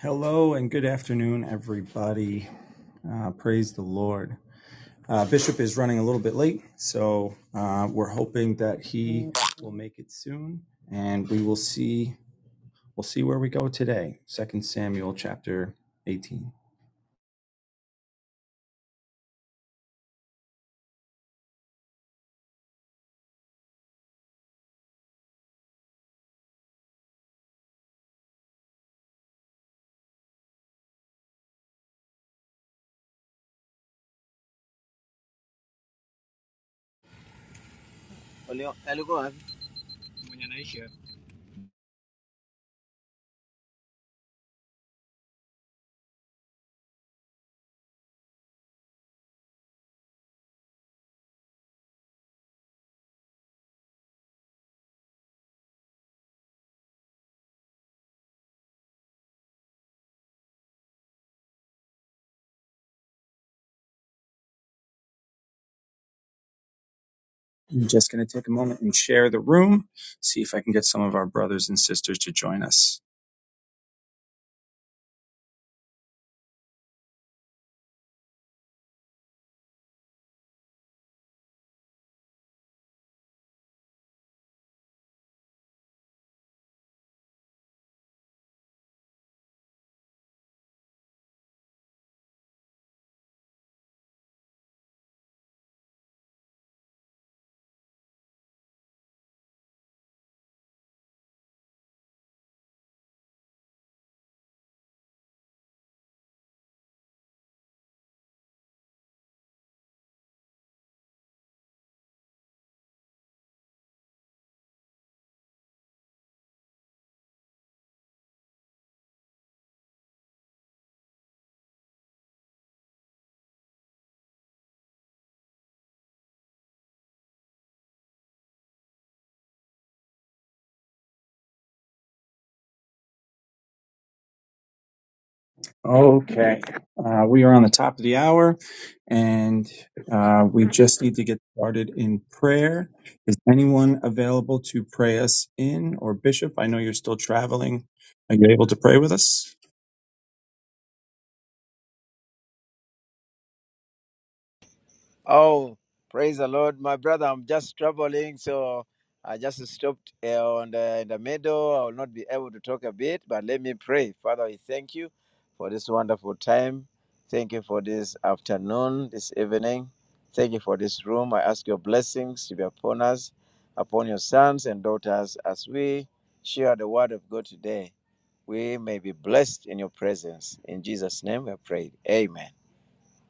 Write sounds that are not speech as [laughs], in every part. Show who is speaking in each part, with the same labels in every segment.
Speaker 1: Hello and good afternoon, everybody. Uh, praise the Lord. Uh, Bishop is running a little bit late, so uh, we're hoping that he will make it soon, and we will see. We'll see where we go today. Second Samuel chapter 18. I'm just going to take a moment and share the room, see if I can get some of our brothers and sisters to join us. Okay, uh, we are on the top of the hour, and uh, we just need to get started in prayer. Is anyone available to pray us in? Or Bishop, I know you're still traveling. Are you able to pray with us?
Speaker 2: Oh, praise the Lord. My brother, I'm just traveling, so I just stopped eh, on the, in the middle. I will not be able to talk a bit, but let me pray. Father, we thank you for this wonderful time. Thank you for this afternoon, this evening. Thank you for this room. I ask your blessings to be upon us, upon your sons and daughters as we share the word of God today. We may be blessed in your presence. In Jesus' name we pray. Amen.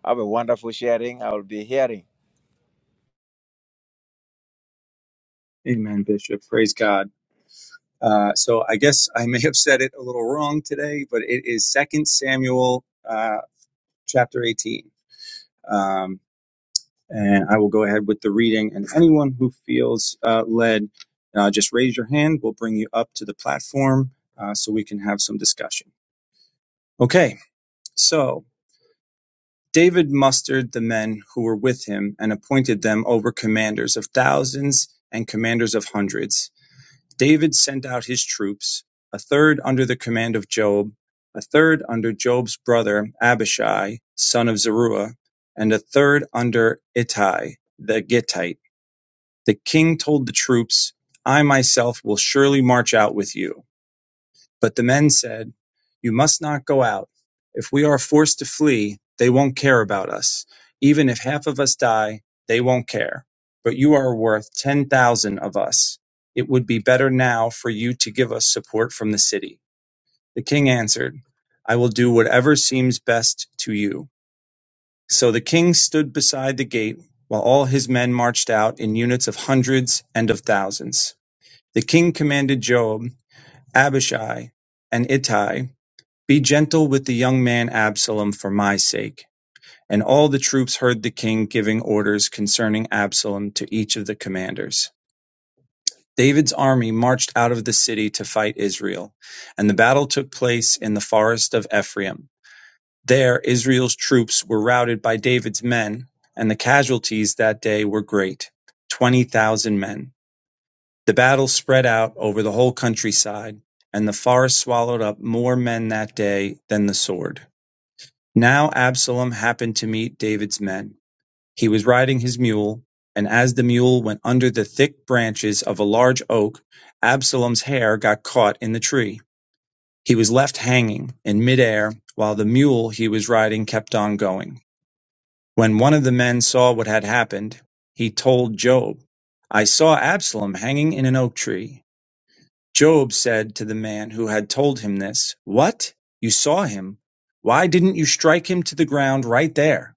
Speaker 2: Have a wonderful sharing. I will be hearing.
Speaker 1: Amen, Bishop. Praise God. Uh, so I guess I may have said it a little wrong today, but it is Second Samuel uh, chapter 18. And I will go ahead with the reading. And anyone who feels uh, led, uh, just raise your hand. We'll bring you up to the platform uh, so we can have some discussion. Okay, so David mustered the men who were with him and appointed them over commanders of thousands and commanders of hundreds. David sent out his troops, a third under the command of Job, a third under Job's brother Abishai, son of Zeruiah, and a third under Ittai the Gittite The king told the troops, I myself will surely march out with you. But the men said, You must not go out. If we are forced to flee, they won't care about us. Even if half of us die, they won't care. But you are worth 10,000 of us. It would be better now for you to give us support from the city. The king answered, I will do whatever seems best to you. So the king stood beside the gate while all his men marched out in units of hundreds and of thousands. The king commanded Joab, Abishai, and Ittai, Be gentle with the young man Absalom for my sake. And all the troops heard the king giving orders concerning Absalom to each of the commanders. David's army marched out of the city to fight Israel, and the battle took place in the forest of Ephraim. There, Israel's troops were routed by David's men, and the casualties that day were great 20,000 men. The battle spread out over the whole countryside, and the forest swallowed up more men that day than the sword. Now Absalom happened to meet David's men. He was riding his mule, and as the mule went under the thick branches of a large oak, Absalom's hair got caught in the tree. He was left hanging in midair while the mule he was riding kept on going. When one of the men saw what had happened, he told Job, I saw Absalom hanging in an oak tree. Job said to the man who had told him this, What? You saw him? Why didn't you strike him to the ground right there?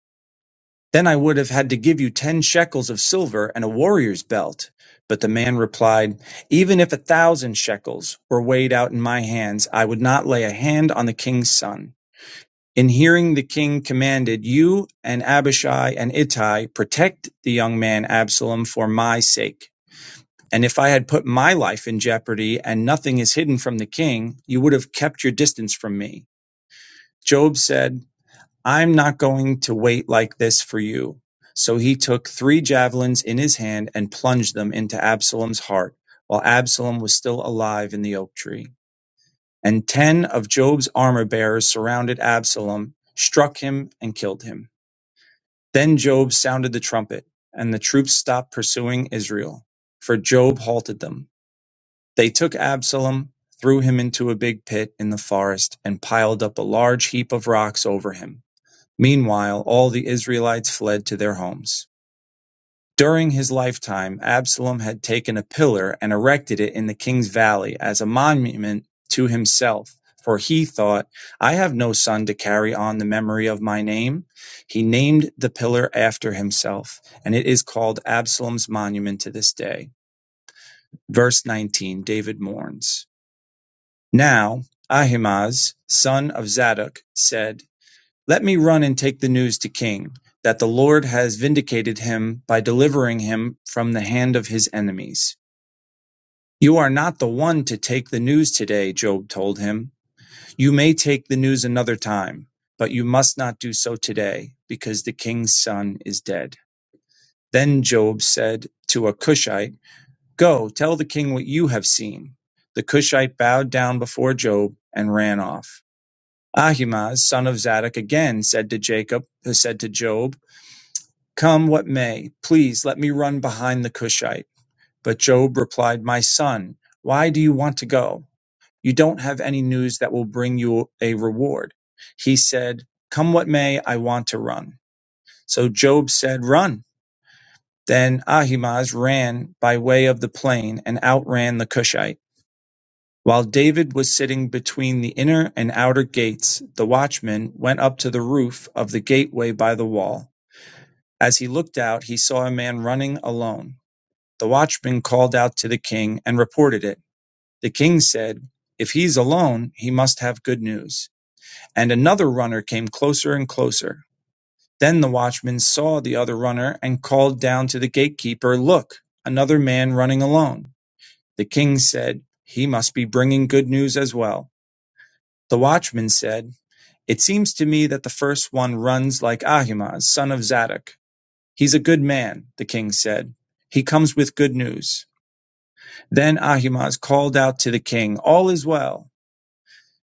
Speaker 1: Then I would have had to give you ten shekels of silver and a warrior's belt. But the man replied, Even if a thousand shekels were weighed out in my hands, I would not lay a hand on the king's son. In hearing the king commanded, You and Abishai and Ittai protect the young man Absalom for my sake. And if I had put my life in jeopardy and nothing is hidden from the king, you would have kept your distance from me. Job said, I'm not going to wait like this for you. So he took three javelins in his hand and plunged them into Absalom's heart while Absalom was still alive in the oak tree. And ten of Job's armor bearers surrounded Absalom, struck him, and killed him. Then Job sounded the trumpet, and the troops stopped pursuing Israel, for Job halted them. They took Absalom, threw him into a big pit in the forest, and piled up a large heap of rocks over him. Meanwhile, all the Israelites fled to their homes. During his lifetime, Absalom had taken a pillar and erected it in the king's valley as a monument to himself, for he thought, I have no son to carry on the memory of my name. He named the pillar after himself, and it is called Absalom's monument to this day. Verse 19 David mourns. Now Ahimaaz son of Zadok said, Let me run and take the news to king, that the Lord has vindicated him by delivering him from the hand of his enemies. You are not the one to take the news today, Job told him. You may take the news another time, but you must not do so today, because the king's son is dead. Then Job said to a Cushite, Go, tell the king what you have seen. The Cushite bowed down before Job and ran off. Ahimaaz son of Zadok again said to Jacob, uh, said to Job, Come what may, please let me run behind the Cushite. But Job replied, My son, why do you want to go? You don't have any news that will bring you a reward. He said, Come what may, I want to run. So Job said, Run. Then Ahimaaz ran by way of the plain and outran the Cushite. While David was sitting between the inner and outer gates, the watchman went up to the roof of the gateway by the wall. As he looked out, he saw a man running alone. The watchman called out to the king and reported it. The king said, If he's alone, he must have good news. And another runner came closer and closer. Then the watchman saw the other runner and called down to the gatekeeper, Look, another man running alone. The king said, He must be bringing good news as well. The watchman said, "It seems to me that the first one runs like Ahimaaz son of Zadok." "He's a good man," the king said. "He comes with good news." Then Ahimaaz called out to the king, "All is well."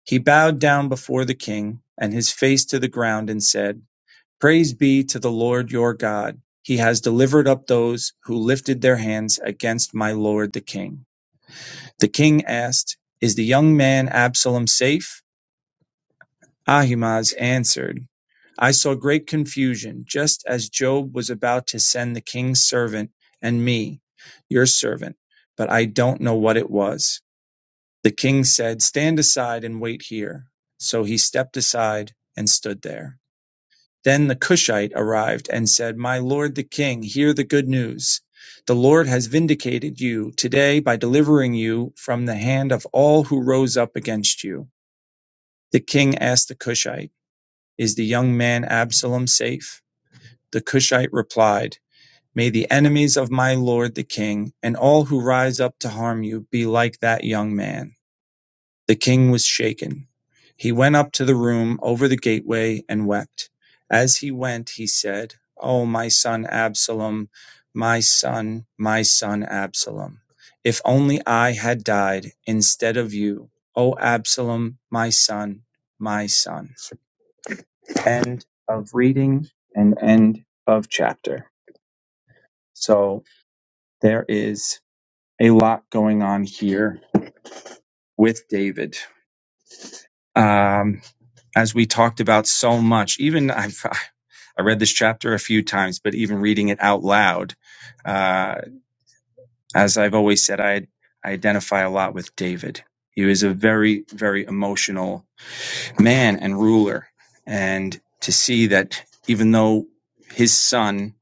Speaker 1: He bowed down before the king, and his face to the ground, and said, "Praise be to the Lord your God. He has delivered up those who lifted their hands against my lord the king." The king asked, "Is the young man Absalom safe?" Ahimaaz answered, I saw great confusion, just as Job was about to send the king's servant and me, your servant, but I don't know what it was. The king said, Stand aside and wait here. So he stepped aside and stood there. Then the Cushite arrived and said, My lord the king, hear the good news. The Lord has vindicated you today by delivering you from the hand of all who rose up against you. The king asked the Cushite, is the young man Absalom safe? The Cushite replied, May the enemies of my lord the king, and all who rise up to harm you, be like that young man. The king was shaken. He went up to the room over the gateway and wept. As he went, he said, O my son Absalom, my son, my son Absalom, if only I had died instead of you. O Absalom, my son, my son end of reading and end of chapter. So there is a lot going on here with David. Um, as we talked about so much, even [laughs] I've, I read this chapter a few times, but even reading it out loud, uh, as I've always said, I, I identify a lot with David. He was a very, very emotional man and ruler and to see that even though his son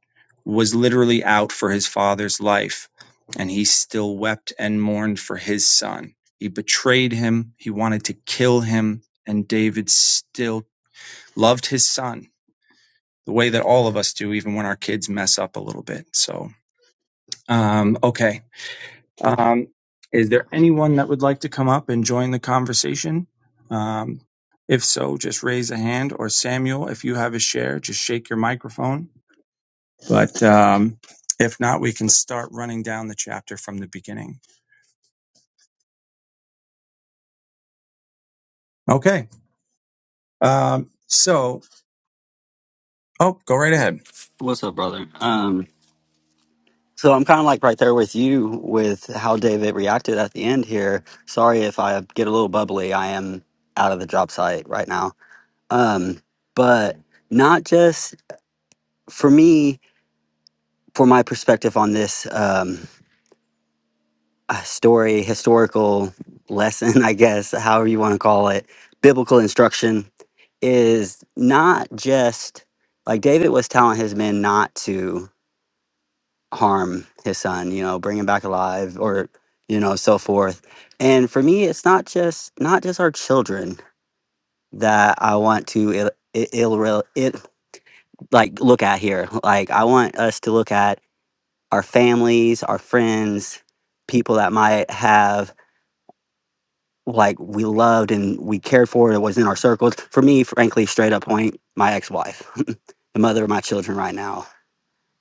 Speaker 1: was literally out for his father's life and he still wept and mourned for his son he betrayed him he wanted to kill him and david still loved his son the way that all of us do even when our kids mess up a little bit so um okay um, is there anyone that would like to come up and join the conversation? Um, if so, just raise a hand, or Samuel, if you have a share, just shake your microphone. But um, if not, we can start running down the chapter from the beginning. Okay. Um, so, oh, go right ahead.
Speaker 3: What's up, brother? Um, so I'm kind of like right there with you with how David reacted at the end here. Sorry if I get a little bubbly. I am out of the job site right now. Um, but not just for me, for my perspective on this um, uh, story, historical lesson, [laughs] I guess, however you want to call it, biblical instruction is not just like David was telling his men not to. harm his son, you know, bring him back alive or, you know, so forth. And for me, it's not just not just our children that I want to ill, i- ill, rel- it like look at here. Like I want us to look at our families, our friends, people that might have like we loved and we cared for that was in our circles. For me, frankly, straight up point, my ex-wife, [laughs] the mother of my children right now.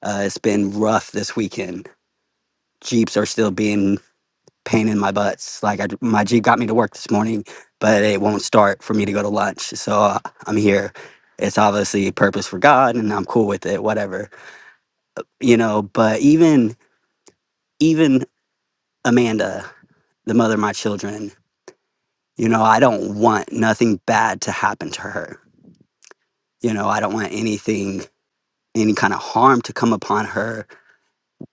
Speaker 3: Uh, it's been rough this weekend. Jeeps are still being pain in my butts. Like I, my Jeep got me to work this morning, but it won't start for me to go to lunch. So uh, I'm here. It's obviously a purpose for God, and I'm cool with it. Whatever, you know. But even even Amanda, the mother of my children, you know, I don't want nothing bad to happen to her. You know, I don't want anything, any kind of harm to come upon her.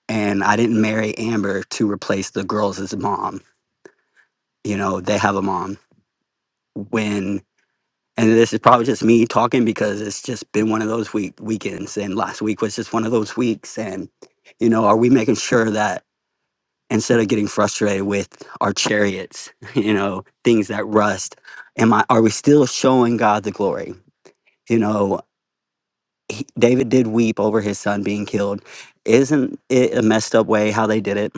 Speaker 3: And I didn't marry Amber to replace the girls' mom. You know, they have a mom. When and this is probably just me talking because it's just been one of those week weekends and last week was just one of those weeks and you know are we making sure that instead of getting frustrated with our chariots [laughs] you know things that rust am i are we still showing god the glory you know he, david did weep over his son being killed isn't it a messed up way how they did it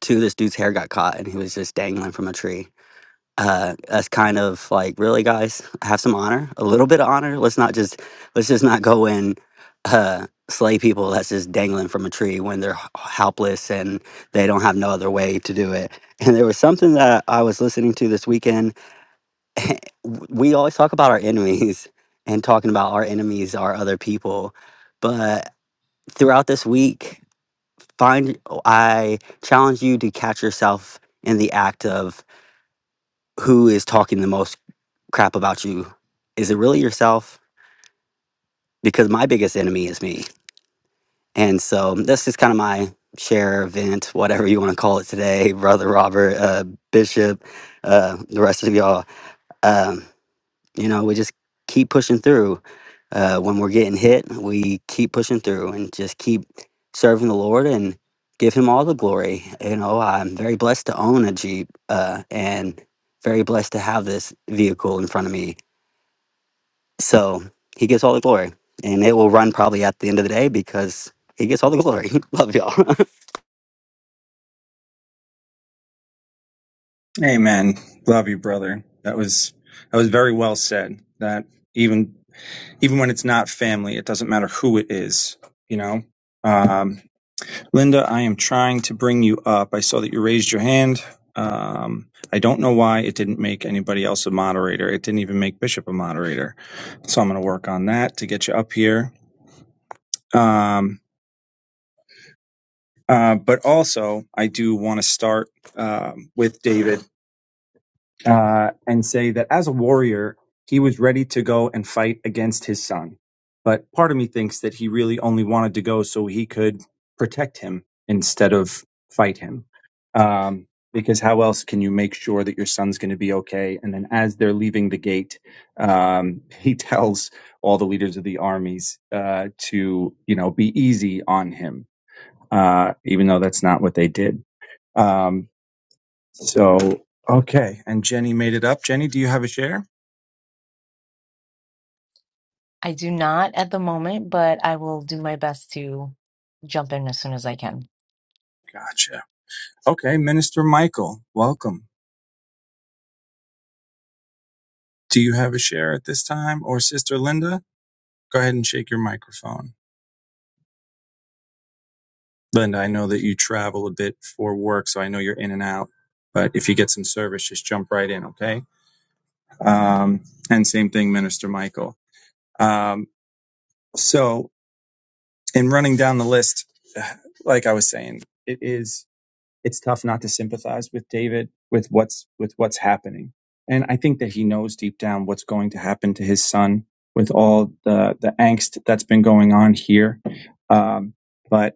Speaker 3: too this dude's hair got caught and he was just dangling from a tree uh, us kind of like really guys have some honor a little bit of honor let's not just let's just not go and uh, slay people that's just dangling from a tree when they're h- helpless and they don't have no other way to do it and there was something that i was listening to this weekend W- we always talk about our enemies [laughs] and talking about our enemies are other people but throughout this week find i challenge you to catch yourself in the act of who is talking the most crap about you, is it really yourself? Because my biggest enemy is me. And so that's just kind of my share event, whatever you want to call it today, [laughs] Brother Robert, uh, Bishop, uh, the rest of y'all. Um, you know, we just keep pushing through. Uh, when we're getting hit, we keep pushing through and just keep serving the Lord and give Him all the glory. You know, I'm very blessed to own a Jeep uh, and very blessed to have this vehicle in front of me So he gets all the glory. And it will run probably at the end of the day because he gets all the glory. [laughs] Love y'all.
Speaker 1: Amen. Love you, brother. That was that was very well said. That even even when it's not family, it doesn't matter who it is. You know. Um, Linda, I am trying to bring you up. I saw that you raised your hand. Um, I don't know why it didn't make anybody else a moderator. It didn't even make Bishop a moderator. So I'm going to work on that to get you up here. Um, uh, but also, I do want to start um, with David. uh, and say that as a warrior, he was ready to go and fight against his son. But part of me thinks that he really only wanted to go so he could protect him instead of fight him. Um, because how else can you make sure that your son's going to be okay? And then as they're leaving the gate, um, [laughs] he tells all the leaders of the armies uh, to, you know, be easy on him, uh, even though that's not what they did. Um, so, okay. And Jenny made it up. Jenny, do you have a share?
Speaker 4: I do not at the moment, but I will do my best to jump in as soon as I can.
Speaker 1: Gotcha. Okay. Minister Michael, welcome. Do you have a share at this time? Or Sister Linda? Go ahead and shake your microphone. Linda, I know that you travel a bit for work, so I know you're in and out. But if you get some service, just jump right in, okay? Um, and same thing, Minister Michael. Um, so, in running down the list, [sighs] like I was saying, it is. it's tough not to sympathize with David with what's with what's happening. And I think that he knows deep down what's going to happen to his son with all the the angst that's been going on here. Um, but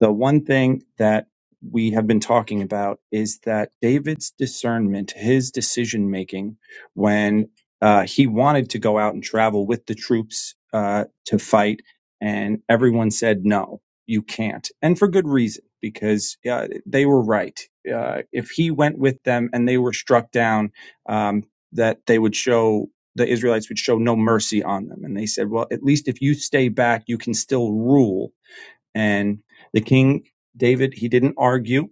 Speaker 1: the one thing that we have been talking about is that David's discernment, his decision making, when uh, he wanted to go out and travel with the troops uh, to fight, and everyone said, no, you can't. And for good reason, because uh, they were right. Uh, if he went with them and they were struck down, um, that they would show the Israelites would show no mercy on them. And they said, well, at least if you stay back, you can still rule and the king, David, he didn't argue.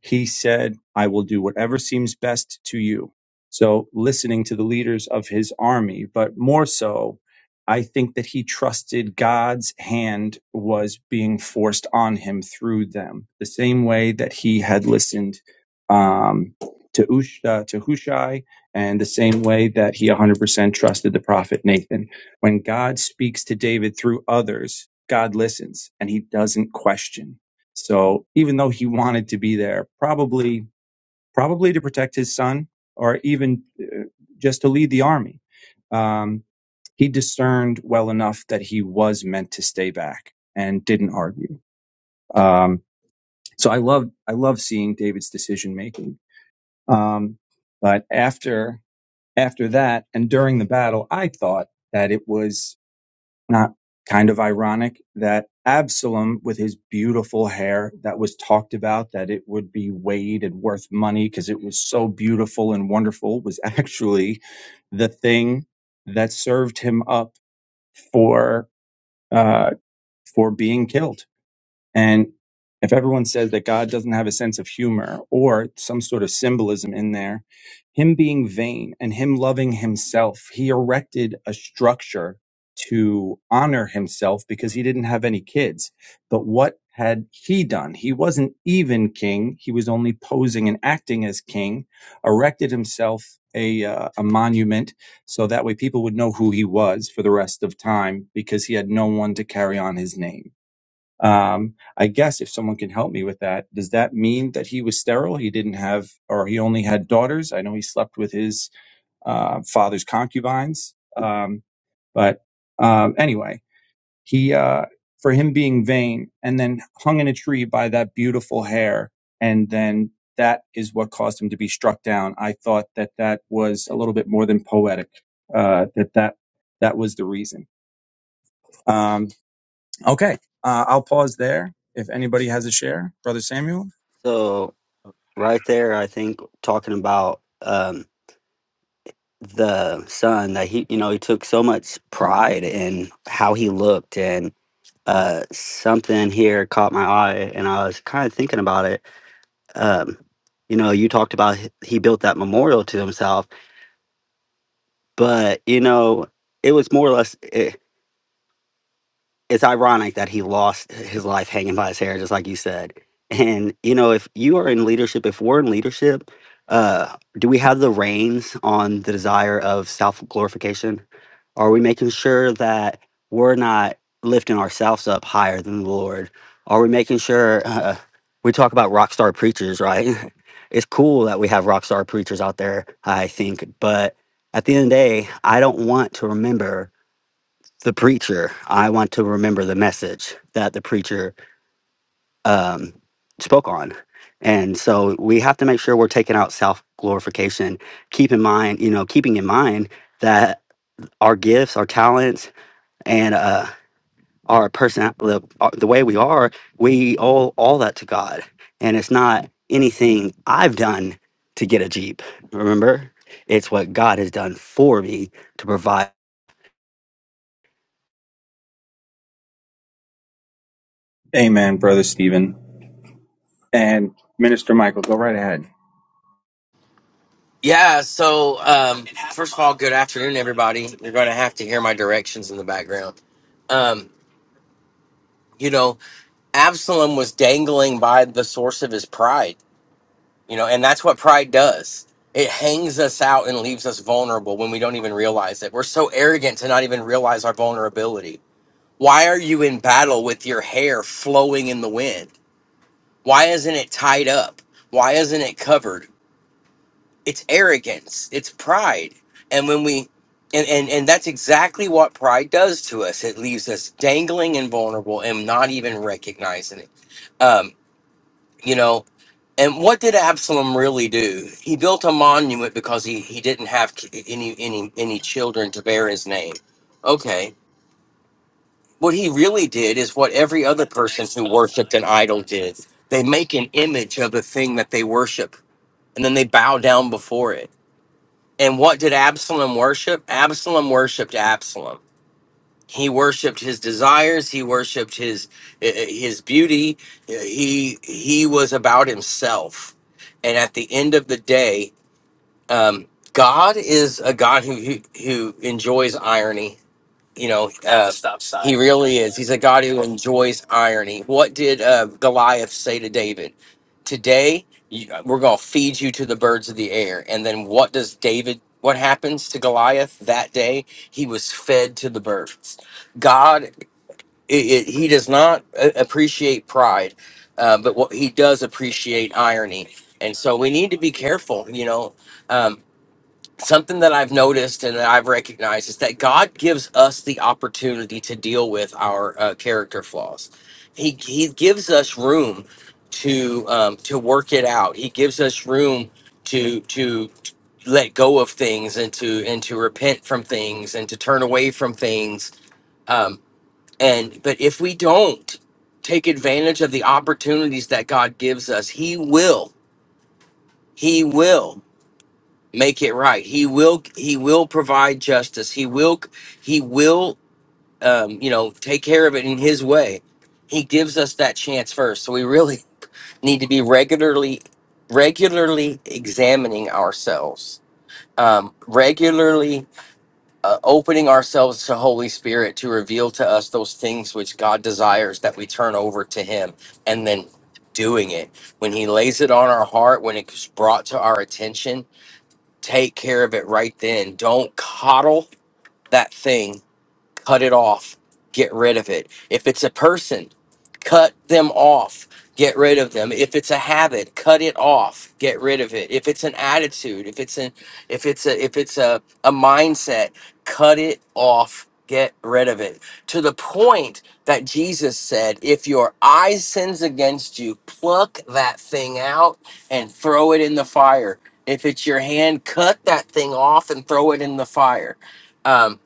Speaker 1: He said, I will do whatever seems best to you. So, listening to the leaders of his army, but more so, I think that he trusted God's hand was being forced on him through them, the same way that he had listened um, to, Ush, uh, to Hushai, and the same way that he 100% trusted the prophet Nathan. When God speaks to David through others, God listens and he doesn't question. So even though he wanted to be there, probably, probably to protect his son or even uh, just to lead the army, um, he discerned well enough that he was meant to stay back and didn't argue. Um, so I love, I love seeing David's decision making. Um, but after, after that and during the battle, I thought that it was not kind of ironic that Absalom, with his beautiful hair that was talked about, that it would be weighed and worth money because it was so beautiful and wonderful, was [laughs] actually the thing that served him up for uh, for being killed. And if everyone says that God doesn't have a sense of humor or some sort of symbolism in there, him being vain and him loving himself, he erected a structure to honor himself because he didn't have any kids. But what had he done? He wasn't even king. He was only posing and acting as king, erected himself a, uh, a monument so that way people would know who he was for the rest of time because he had no one to carry on his name. Um, I guess if someone can help me with that, does that mean that he was sterile? He didn't have, or he only had daughters. I know he slept with his uh, father's concubines. Um, but um, anyway, he uh, for him being vain and then hung in a tree by that beautiful hair, and then that is what caused him to be struck down. I thought that that was a little bit more than poetic. Uh, that that that was the reason. Um, Okay, uh, I'll pause there. If anybody has a share, Brother Samuel.
Speaker 3: [laughs] so right there, I think talking about um the son that he you know, he took so much pride in how he looked and uh something here caught my eye and I was kind of thinking about it. Um you know, you talked about h- he built that memorial to himself, but you know, it was more or less. eh, it's ironic that he lost his life hanging by his hair, just like you said. And you know, if you are in leadership, if we're in leadership, uh, do we have the reins on the desire of self glorification? Are we making sure that we're not lifting ourselves up higher than the Lord? Are we making sure [laughs] uh, we talk about rock star preachers, right? [laughs] it's cool that we have rock star preachers out there, I think, but at the end of the day, I don't want to remember the preacher. I want to remember the message that the preacher um, spoke on. And so we have to make sure we're taking out self glorification. Keep in mind, you know, keeping in mind that our gifts, our talents, and uh, our person, the, uh, the way we are, we owe all that to God. And it's not anything I've done to get a Jeep. Remember, it's what God has done for me to provide.
Speaker 1: Amen, Brother Stephen. And Minister Michael, go right ahead.
Speaker 5: Yeah, so um, first of all, good afternoon, everybody. You're going to have to hear my directions in the background. Um, you know, Absalom was dangling by the source of his pride, you know, and that's what pride does. It hangs us out and leaves us vulnerable when we don't even realize it. We're so arrogant to not even realize our vulnerability. Why are you in battle with your hair flowing in the wind? Why isn't it tied up? Why isn't it covered? it's arrogance it's pride and when we and, and and that's exactly what pride does to us it leaves us dangling and vulnerable and not even recognizing it um you know and what did absalom really do he built a monument because he he didn't have ki- any any any children to bear his name okay what he really did is what every other person who worshiped an idol did they make an image of the thing that they worship and then they bow down before it and what did Absalom worship? Absalom worshipped Absalom. He worshipped his desires. He worshipped his eh, eh, his beauty. Eh, He he was about himself. And at the end of the day, um, God is a God who who, who enjoys irony you know, uh, he really is. He's a God who enjoys irony. What did uh, Goliath say to David? Today, you, we're going to feed you to the birds of the air. And then what does David, what happens to Goliath that day? He was fed to the birds. God, it, it, he does not uh, appreciate pride, uh, but what he does appreciate irony. And so we need to be careful, you know. Um, something that I've noticed and that I've recognized is that God gives us the opportunity to deal with our uh, character flaws. He He gives us room to um, to work it out. He gives us room to to let go of things and to and to repent from things and to turn away from things. Um, and but if we don't take advantage of the opportunities that God gives us, He will. He will make it right he will he will provide justice he will he will um you know take care of it in his way he gives us that chance first so we really [laughs] need to be regularly regularly examining ourselves um regularly uh, opening ourselves to holy spirit to reveal to us those things which god desires that we turn over to him and then doing it when he lays it on our heart when it's brought to our attention Take care of it right then. Don't coddle that thing cut it off, get rid of it. If it's a person, cut them off, get rid of them. If it's a habit, cut it off, get rid of it. If it's an attitude, if it's an if it's a if it's a, a mindset, cut it off, get rid of it. To the point that Jesus said, if your eye sins against you, pluck that thing out and throw it in the fire. If it's your hand, cut that thing off and throw it in the fire Um,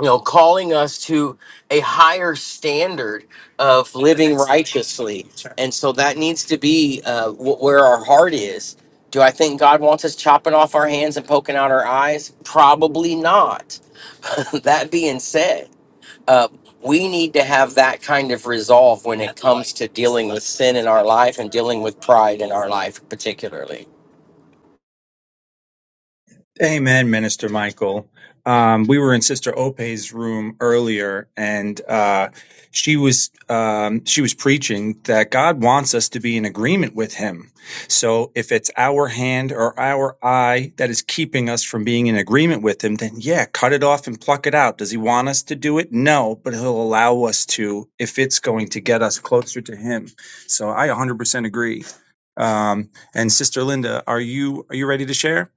Speaker 5: you know, calling us to a higher standard of living righteously. And so that needs to be uh, wh- where our heart is. Do I think God wants us chopping off our hands and poking out our eyes? Probably not. [laughs] that being said, uh, we need to have that kind of resolve when it comes to dealing with sin in our life and dealing with pride in our life, particularly.
Speaker 1: Amen, Minister Michael. Um, we were in Sister Ope's room earlier, and uh, she was um, she was preaching that God wants us to be in agreement with Him. So, if it's our hand or our eye that is keeping us from being in agreement with Him, then yeah, cut it off and pluck it out. Does He want us to do it? No, but He'll allow us to if it's going to get us closer to Him. So, I 100% agree. Um, and Sister Linda, are you are you ready to share?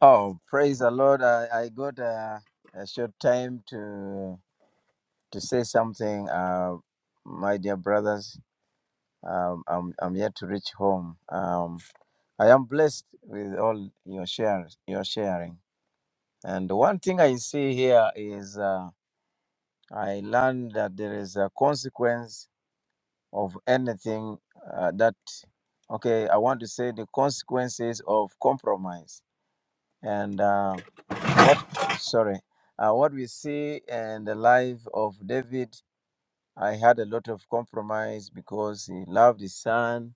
Speaker 2: Oh, praise the Lord. I, I got a, a short time to to say something. Uh, my dear brothers, um, I'm, I'm yet to reach home. Um, I am blessed with all your shares, your sharing. And one thing I see here is uh, I learned that there is a consequence of anything uh, that, okay, I want to say the consequences of compromise. And uh, what sorry uh, what we see in the life of david i had a lot of compromise because he loved his son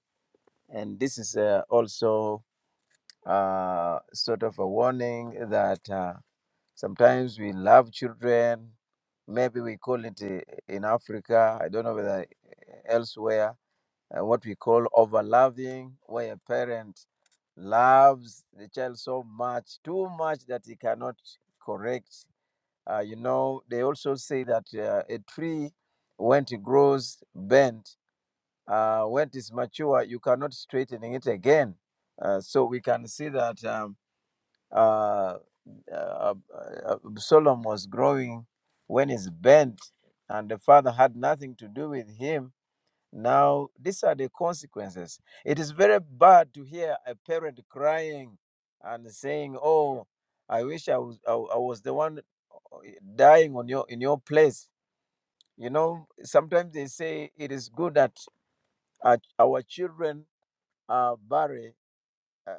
Speaker 2: and this is uh, also uh, sort of a warning that uh, sometimes we love children maybe we call it uh, in africa i don't know whether uh, elsewhere uh, what we call overloving where a parent loves the child so much too much that he cannot correct uh, you know, they also say that uh, a tree, when it grows bent, uh, when it is mature, you cannot straighten it again. Uh, so we can see that um, uh, uh, uh, uh, Solomon was growing when he's bent, and the father had nothing to do with him. Now, these are the consequences. It is very bad to hear a parent crying and saying, Oh, I wish I was, I, I was the one dying on your in your place. You know, sometimes they say it is good that our, our children are buried. Uh,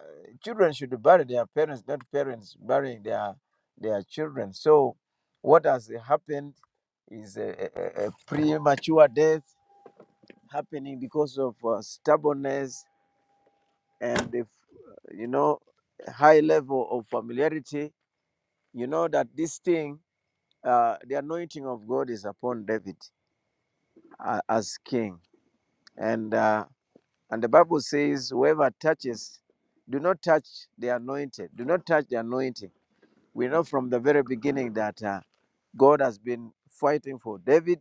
Speaker 2: children should bury their parents, not parents burying their their children. So, what has happened is a, a, a a premature death happening because of uh, stubbornness and the, f- you know high level of familiarity. You know that this thing, uh, the anointing of God is upon David uh, as king And uh, and the Bible says, whoever touches, do not touch the anointed. Do not touch the anointing. We know from the very beginning that uh, God has been fighting for David,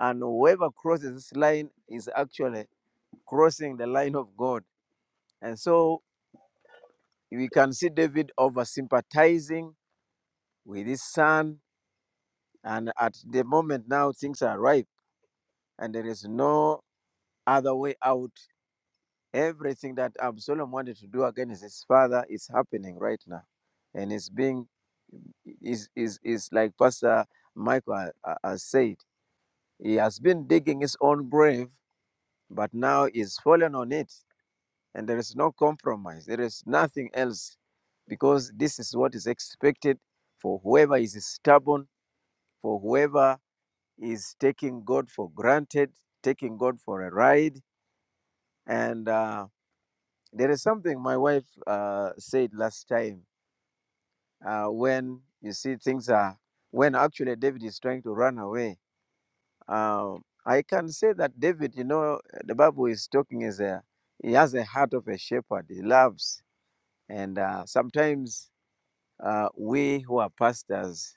Speaker 2: and whoever crosses this line is actually crossing the line of God. And so we can see David over sympathizing with his son, and at the moment now things are ripe, and there is no other way out Everything that Absalom wanted to do against his father is happening right now. And it's being, is, is, is like Pastor Michael ha- ha- has said, he has been digging his own grave, but now he's fallen on it. And there is no compromise. There is nothing else because this is what is expected for whoever is stubborn, for whoever is taking God for granted, taking God for a ride. And uh, there is something my wife uh, said last time uh, when you see things are when actually David is trying to run away. Um, I can say that David, you know, the Bible is talking is a he has a heart of a shepherd. He loves, and uh, sometimes uh, we who are pastors,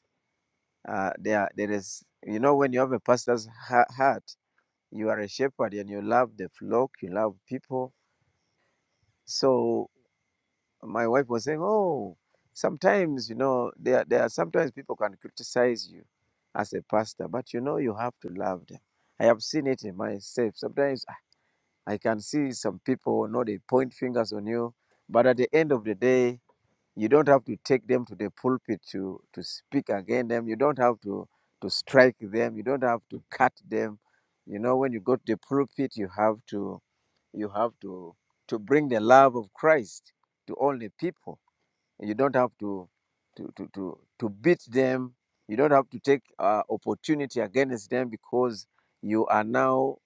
Speaker 2: uh, there there is you know when you have a pastor's ha- heart, you are a shepherd and you love the flock, you love people. So my wife was saying, "Oh, sometimes you know there there are sometimes people can criticize you as a pastor, but you know you have to love them." I have seen it in myself. Sometimes ah, I can see some people, you know, they point fingers on you, but at the end of the day, you don't have to take them to the pulpit to to speak against them. You don't have to to strike them. You don't have to cut them. You know, when you go to the pulpit, you have to you have to to bring the love of Christ to all the people you don't have to to to to, to beat them you don't have to take uh, opportunity against them because you are now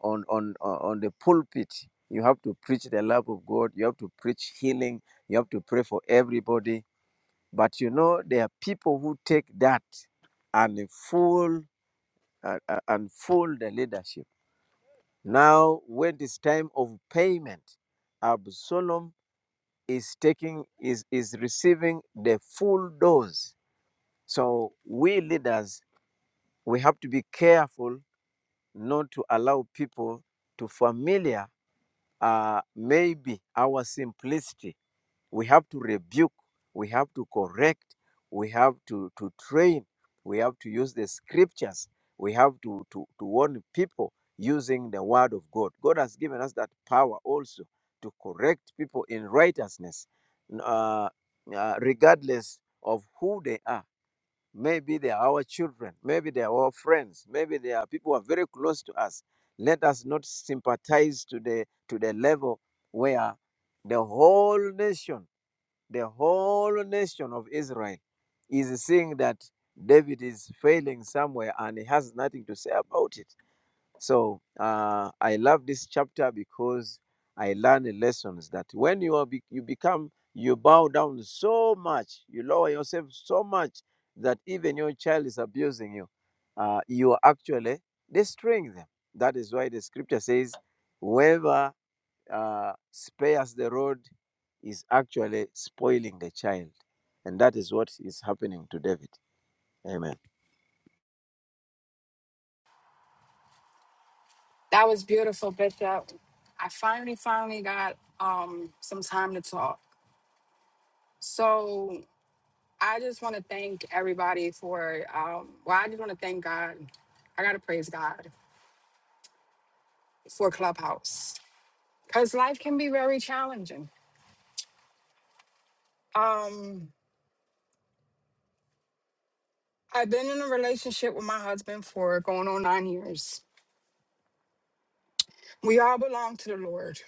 Speaker 2: on on on on the pulpit you have to preach the love of god you have to preach healing you have to pray for everybody but you know there are people who take that and they fool uh, uh, and fool the leadership now when it's time of payment Absalom is taking is is receiving the full dose so we leaders we have to be careful not to allow people to familiar uh, maybe our simplicity we have to rebuke, we have to correct, we have to, to train, we have to use the scriptures, we have to, to, to warn people using the word of God. God has given us that power also to correct people in righteousness, uh, uh, regardless of who they are. Maybe they are our children, maybe they are our friends, maybe they are people who are very close to us. Let us not sympathize to the to the level where the whole nation the whole nation of Israel is seeing that David is failing somewhere and he has nothing to say about it. So uh, I love this chapter because I learned lessons that when you are be- you become you bow down so much, you lower yourself so much that even your child is abusing you. Uh, you are actually destroying them. That is why the scripture says, whoever uh, spares the rod is actually spoiling the child. And that is what is happening to David. Amen.
Speaker 6: That was beautiful, Bishop. I finally, finally got um, some time to talk. So I just want to thank everybody for, um, well, I just want to thank God. I got to praise God for Clubhouse because life can be very challenging. Um, I've been in a relationship with my husband for going on nine years. We all belong to the Lord.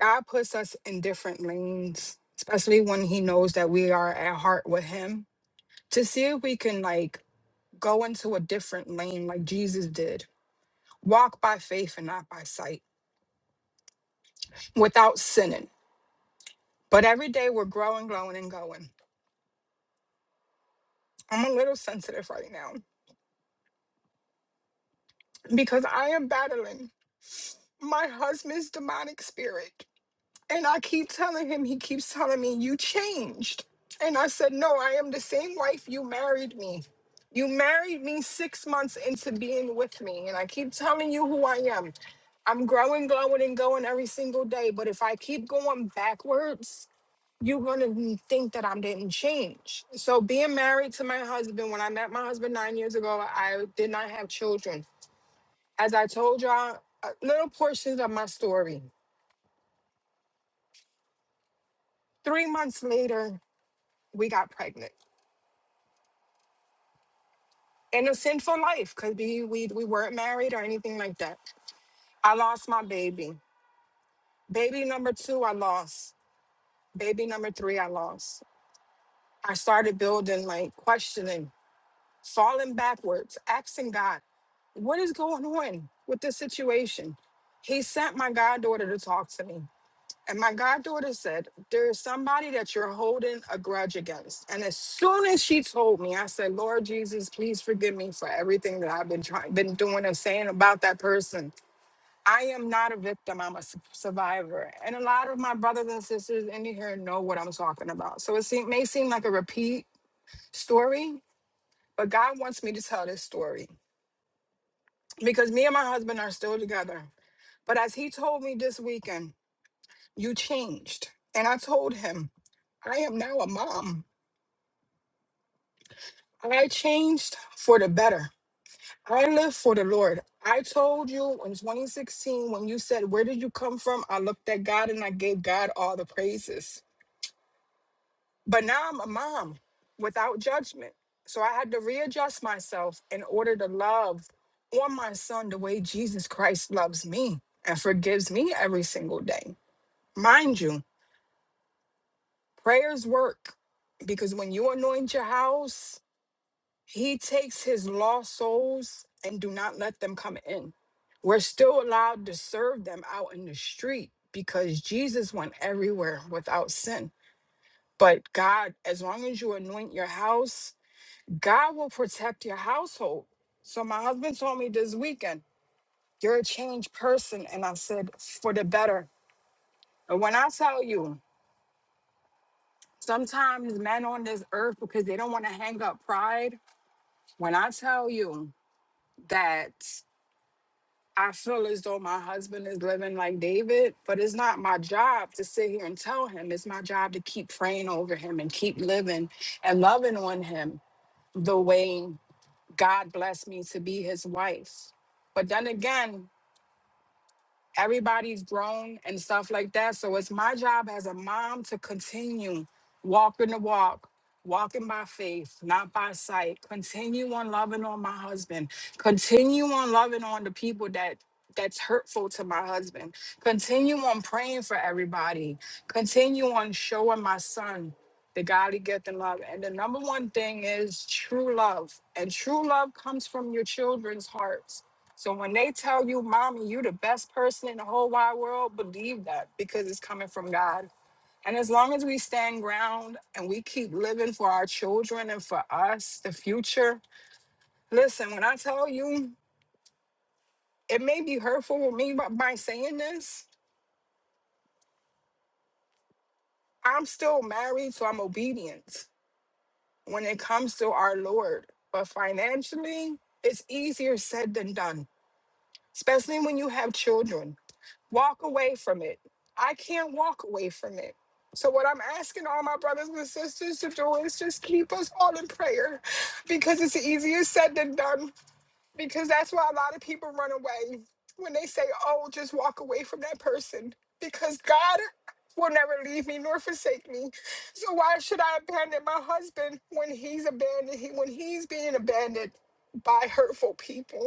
Speaker 6: God puts us in different lanes, especially when He knows that we are at heart with Him to see if we can like go into a different lane like Jesus did. Walk by faith and not by sight without sinning. But every day we're growing, growing, and going. I'm a little sensitive right now because I am battling my husband's demonic spirit. And I keep telling him, he keeps telling me, You changed. And I said, No, I am the same wife you married me. You married me six months into being with me. And I keep telling you who I am. I'm growing, glowing, and going every single day. But if I keep going backwards, you're gonna think that I didn't change. So being married to my husband, when I met my husband nine years ago, I did not have children. As I told y'all, uh, little portions of my story. Three months later, we got pregnant. In a sinful life, because we, we we weren't married or anything like that. I lost my baby. Baby number two, I lost. Baby number three, I lost. I started building like questioning falling backwards, asking God, what is going on with this situation? He sent my goddaughter to talk to me. And my goddaughter said, There is somebody that you're holding a grudge against. And as soon as she told me, I said, Lord Jesus, please forgive me for everything that I've been trying, been doing and saying about that person. I am not a victim, I'm a su- survivor. And a lot of my brothers and sisters in here know what I'm talking about. So it seem, may seem like a repeat story, but God wants me to tell this story. because me and my husband are still together. But as he told me this weekend, you changed. And I told him, I am now a mom. I changed for the better. I live for the Lord. I told you in 2016 when you said, Where did you come from? I looked at God and I gave God all the praises. But now I'm a mom without judgment. So I had to readjust myself in order to love on my son the way Jesus Christ loves me and forgives me every single day. Mind you, prayers work because when you anoint your house, he takes his lost souls and do not let them come in. We're still allowed to serve them out in the street because Jesus went everywhere without sin. But God, as long as you anoint your house, God will protect your household. So my husband told me this weekend, you're a changed person. And I said, for the better. And when I tell you, Sometimes men on this earth, because they don't want to hang up pride. When I tell you that I feel as though my husband is living like David, but it's not my job to sit here and tell him. It's my job to keep praying over him and keep living and loving on him the way God blessed me to be his wife. But then again, everybody's grown and stuff like that. So it's my job as a mom to continue walking the walk, walking by faith, not by sight. Continue on loving on my husband. Continue on loving on the people that that's hurtful to my husband. Continue on praying for everybody. Continue on showing my son the godly gift and love. And the number one thing is true love. And true love comes from your children's hearts so when they tell you, mommy, you the best person in the whole wide world, believe that because it's coming from God. And as long as we stand ground and we keep living for our children and for us, the future, listen, when I tell you, it may be hurtful for me by, by saying this, I'm still married, so I'm obedient when it comes to our Lord. But financially, it's easier said than done, especially when you have children walk away from it. I can't walk away from it. So, what I'm asking all my brothers and sisters to do is just keep us all in prayer because it's easier said than done. Because that's why a lot of people run away when they say, Oh, just walk away from that person because God will never leave me nor forsake me. So, why should I abandon my husband when he's abandoned, when he's being abandoned by hurtful people?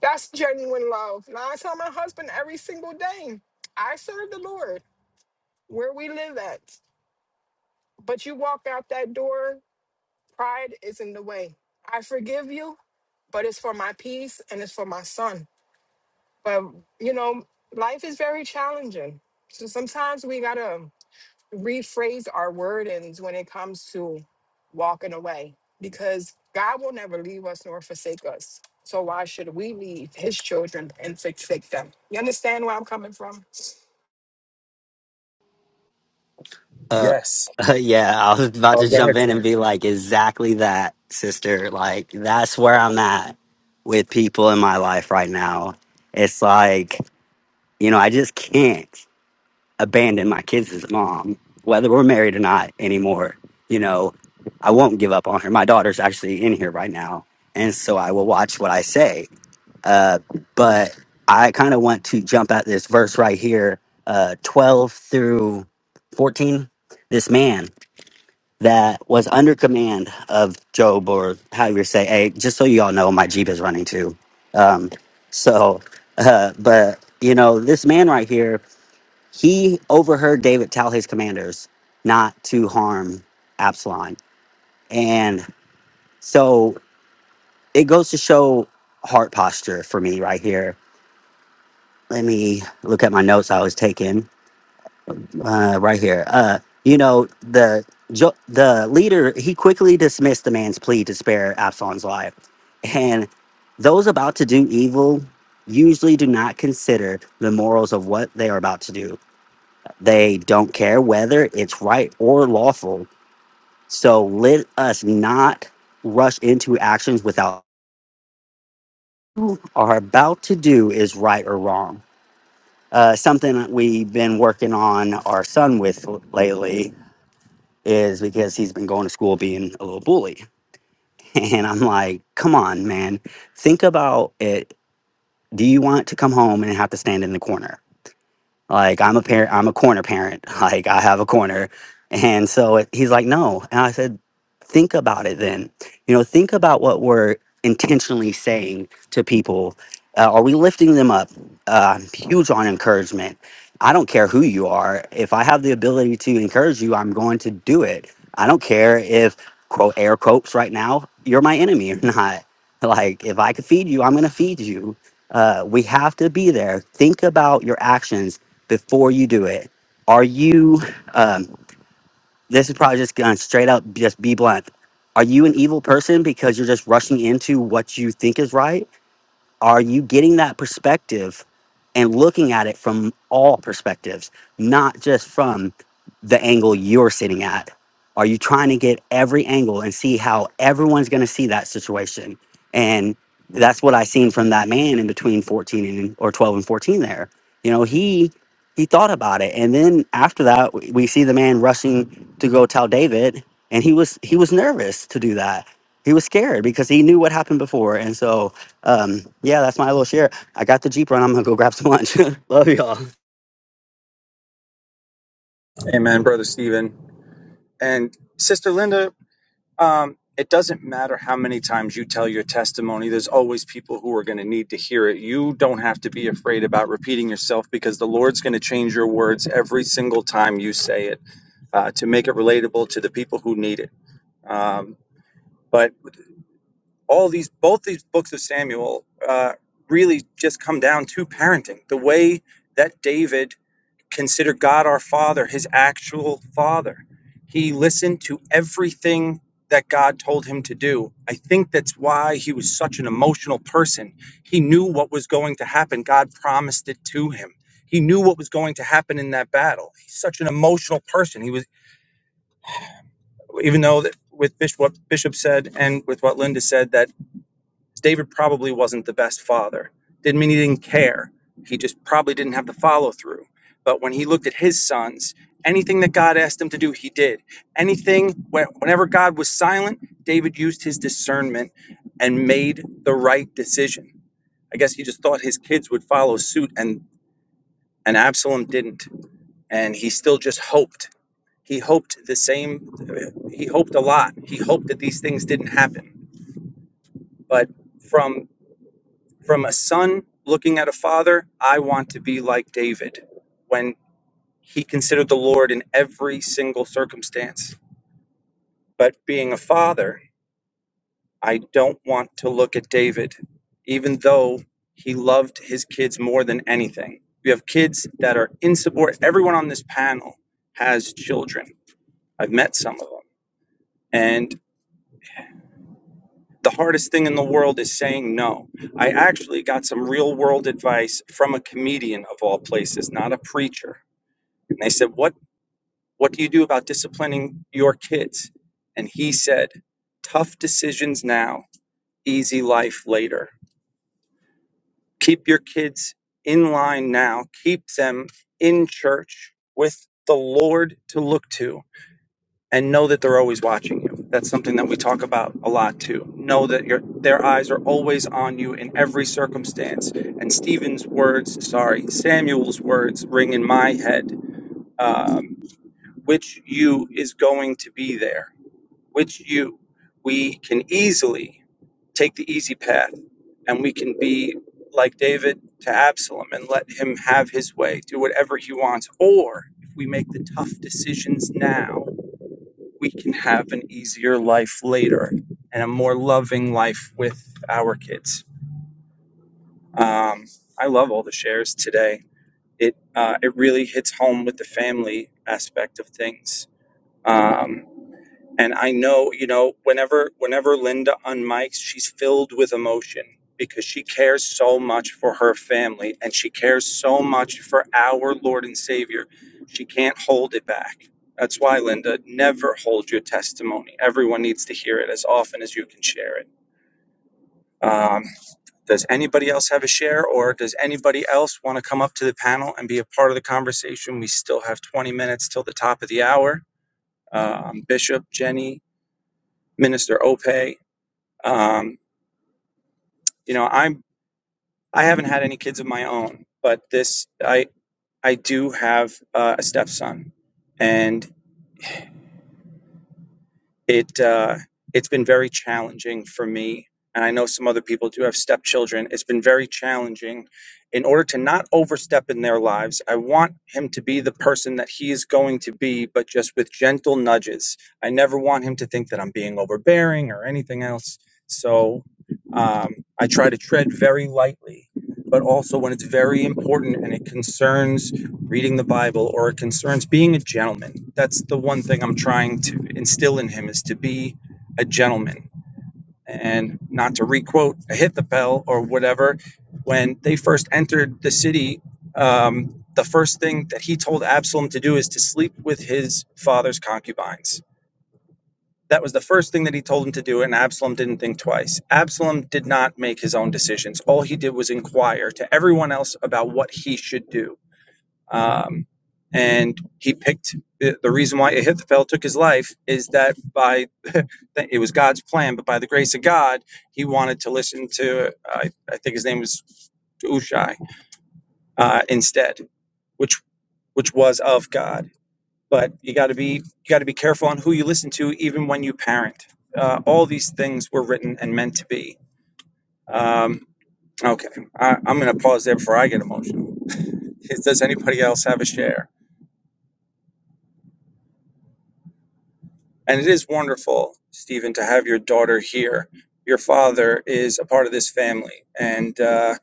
Speaker 6: That's genuine love. And I tell my husband every single day, I serve the Lord where we live at. But you walk out that door, pride is in the way. I forgive you, but it's for my peace and it's for my son. But, you know, life is very challenging. So sometimes we got to rephrase our wordings when it comes to walking away because God will never leave us nor forsake us. So why should we leave his children and forsake them? You understand where I'm coming from?
Speaker 3: Uh,
Speaker 1: Yes.
Speaker 3: [laughs] yeah, I was about
Speaker 1: Oh,
Speaker 3: to
Speaker 1: go
Speaker 3: jump
Speaker 1: ahead,
Speaker 3: in and
Speaker 1: Sam.
Speaker 3: be like, exactly that, sister. Like, that's where I'm at with people in my life right now. It's like, you know, I just can't abandon my kids as a mom, whether we're married or not anymore. You know, I won't give up on her. My daughter's actually in here right now. And so I will watch what I say. Uh, but I kind of want to jump at this verse right here uh, 12 through 14. This man that was under command of Job, or however you say, hey, just so you all know, my Jeep is running too. Um, so, uh, but you know, this man right here, he overheard David tell his commanders not to harm Absalom. And so it goes to show heart posture for me right here. Let me look at my notes I was taking. uh, right here. Uh, you know the jo- the leader he quickly dismissed the man's plea to spare Absalom's life, and those about to do evil usually do not consider the morals of what they are about to do. They don't care whether it's right or lawful. So let us not rush into actions without who are about to do is right or wrong. Uh, something that we've been working on our son with lately is because he's been going to school being a little bully. [laughs] And I'm like, come on, man. Think about it. Do you want to come home and have to stand in the corner? Like I'm a parent, I'm a corner parent. [laughs] Like I have a corner, and so it, he's like, no. And I said, think about it then. You know, think about what we're intentionally saying to people. Uh, are we lifting them up? Uh, I'm huge on encouragement. I don't care who you are. If I have the ability to encourage you, I'm going to do it. I don't care if quote air quotes right now you're my enemy or not. [laughs] Like if I could feed you, I'm going to feed you. Uh, we have to be there. Think about your actions before you do it. Are you? Um, this is probably just going straight up. Just be blunt. Are you an evil person because you're just rushing into what you think is right, are you getting that perspective and looking at it from all perspectives, not just from the angle you're sitting at? Are you trying to get every angle and see how everyone's going to see that situation? And that's what I seen from that man in between 14 and or 12 and 14 there. You know, he he thought about it and then after that we we see the man rushing to go tell David and he was he was nervous to do that. He was scared because he knew what happened before and so um, yeah, that's my little share. I got the Jeep run. I'm gonna go grab some lunch. [laughs] Love y'all.
Speaker 1: Amen, Brother Stephen. And Sister Linda, Um, it doesn't matter how many times you tell your testimony, there's always people who are going to need to hear it. You don't have to be afraid about repeating yourself because the Lord's going to change your words every single time you say it uh, to make it relatable to the people who need it. Um, but all these, both these books of Samuel uh, really just come down to parenting. The way that David consider God our Father his actual father. He listened to everything that God told him to do. I think that's why he was such an emotional person. He knew what was going to happen, God promised it to him. He knew what was going to happen in that battle. He's such an emotional person. He was, even though that with Bishop, what Bishop said and with what Linda said, that David probably wasn't the best father. Didn't mean he didn't care. He just probably didn't have the follow through. But when he looked at his sons, anything that God asked him to do, he did. Anything, wh- whenever God was silent, David used his discernment and made the right decision. I guess he just thought his kids would follow suit, and, and Absalom didn't. And he still just hoped. He hoped the same, he hoped a lot. He hoped that these things didn't happen. But from From a son looking at a father, I want to be like David when he considered the Lord in every single circumstance. But being a father, I don't want to look at David, even though he loved his kids more than anything. We have kids that are insubordinate. Everyone on this panel has children. I've met some of them. And the hardest thing in the world is saying no. I actually got some real world advice from a comedian of all places, not a preacher And they said, "What what do you do about disciplining your kids?" And he said, "Tough decisions now, easy life later. Keep your kids in line now. Keep them in church with the Lord to look to and know that they're always watching you." That's something that we talk about a lot too. Know that your their eyes are always on you in every circumstance. And Stephen's words, sorry, Samuel's words ring in my head Um, which you is going to be there which you we can easily take the easy path and we can be like david to absalom and let him have his way do whatever he wants or if we make the tough decisions now we can have an easier life later and a more loving life with our kids um, i love all the shares today it uh, it really hits home with the family aspect of things Um, And I know, you know, whenever whenever Linda unmics, she's filled with emotion because she cares so much for her family and she cares so much for our Lord and Savior. She can't hold it back. That's why, Linda, never hold your testimony. Everyone needs to hear it as often as you can share it. Um, does anybody else have a share, or does anybody else want to come up to the panel and be a part of the conversation? We still have 20 minutes till the top of the hour. Um, Bishop, Jenny, Minister Ope, Um, you know, I'm I haven't had any kids of my own, but this I I do have uh, a stepson, and. it uh, it's been very challenging for me and i know some other people do have stepchildren it's been very challenging in order to not overstep in their lives i want him to be the person that he is going to be but just with gentle nudges i never want him to think that i'm being overbearing or anything else so um, i try to tread very lightly but also when it's very important and it concerns reading the Bible or it concerns being a gentleman. That's the one thing I'm trying to instill in him is to be a gentleman and not to requote Ahithophel or whatever. When they first entered the city, um, the first thing that he told Absalom to do is to sleep with his father's concubines. That was the first thing that he told him to do, and Absalom didn't think twice. Absalom did not make his own decisions. All he did was inquire to everyone else about what he should do um, and he picked the reason why Ahithophel took his life is that by it was God's plan, but by the grace of God, he wanted to listen to I, I think his name was Ushai uh, instead, which which was of God. But you got to be you got to be careful on who you listen to, even when you parent. Uh, all these things were written and meant to be. Um, okay, I, I'm going to pause there before I get emotional. Does anybody else have a share? And it is wonderful, Stephen, to have your daughter here. Your father is a part of this family, and uh,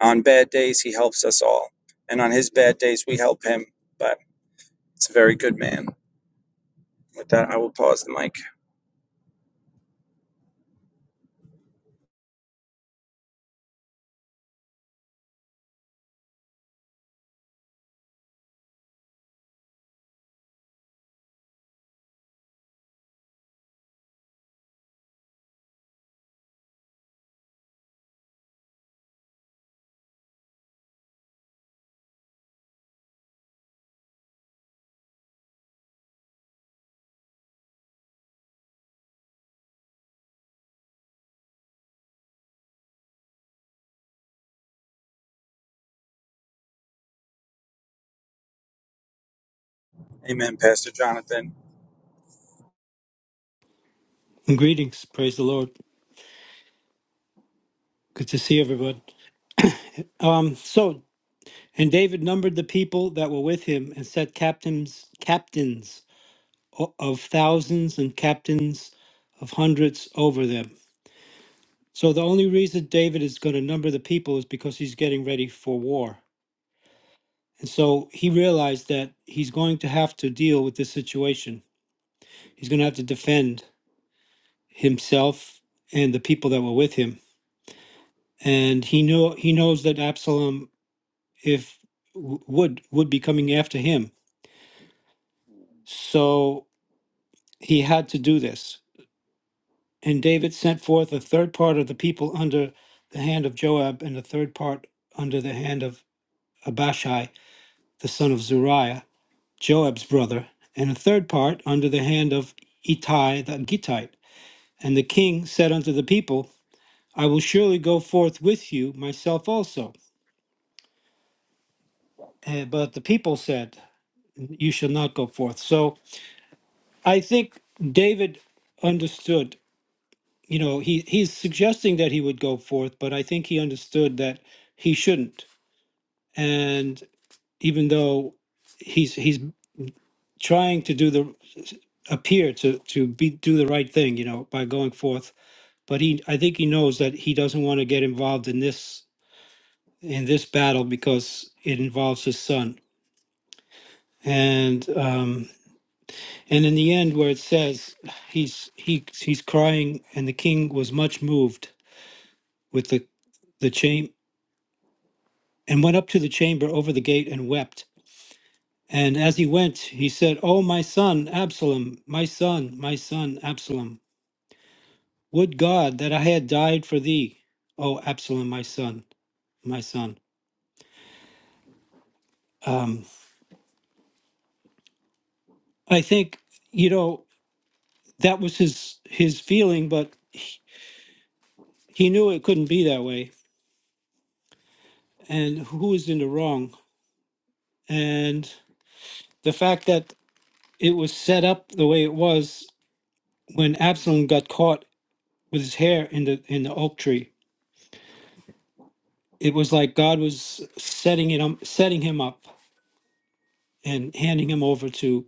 Speaker 1: on bad days, he helps us all. And on his bad days, we help him. But it's a very good man. With that, I will pause the mic. Amen, Pastor Jonathan.
Speaker 7: Greetings, praise the Lord. Good to see everyone. Um, so and David numbered the people that were with him and set captains captains o- of thousands and captains of hundreds over them. So the only reason David is going to number the people is because he's getting ready for war. And so he realized that he's going to have to deal with this situation. He's going to have to defend himself and the people that were with him. And he knew he knows that Absalom if w- would would be coming after him. So he had to do this. And David sent forth a third part of the people under the hand of Joab, and a third part under the hand of Abishai, the son of Zariah, Joab's brother, and a third part under the hand of Ittai the Gittite. And the king said unto the people, I will surely go forth with you, myself also. Eh, But the people said, You shall not go forth. So I think David understood, you know, he, he's suggesting that he would go forth, but I think he understood that he shouldn't. And even though he's he's trying to do the appear to to be do the right thing, you know, by going forth, but he I think he knows that he doesn't want to get involved in this in this battle because it involves his son. And um and in the end where it says he's he he's crying and the king was much moved with the the chamber and went up to the chamber over the gate and wept. And as he went, he said, "O my son Absalom, my son, my son Absalom, would God that I had died for thee, O Absalom, my son, my son." Um, I think you know that was his his feeling, but he, he knew it couldn't be that way. And who was in the wrong? And the fact that it was set up the way it was when Absalom got caught with his hair in the in the oak tree. It was like God was setting it up, setting him up and handing him over to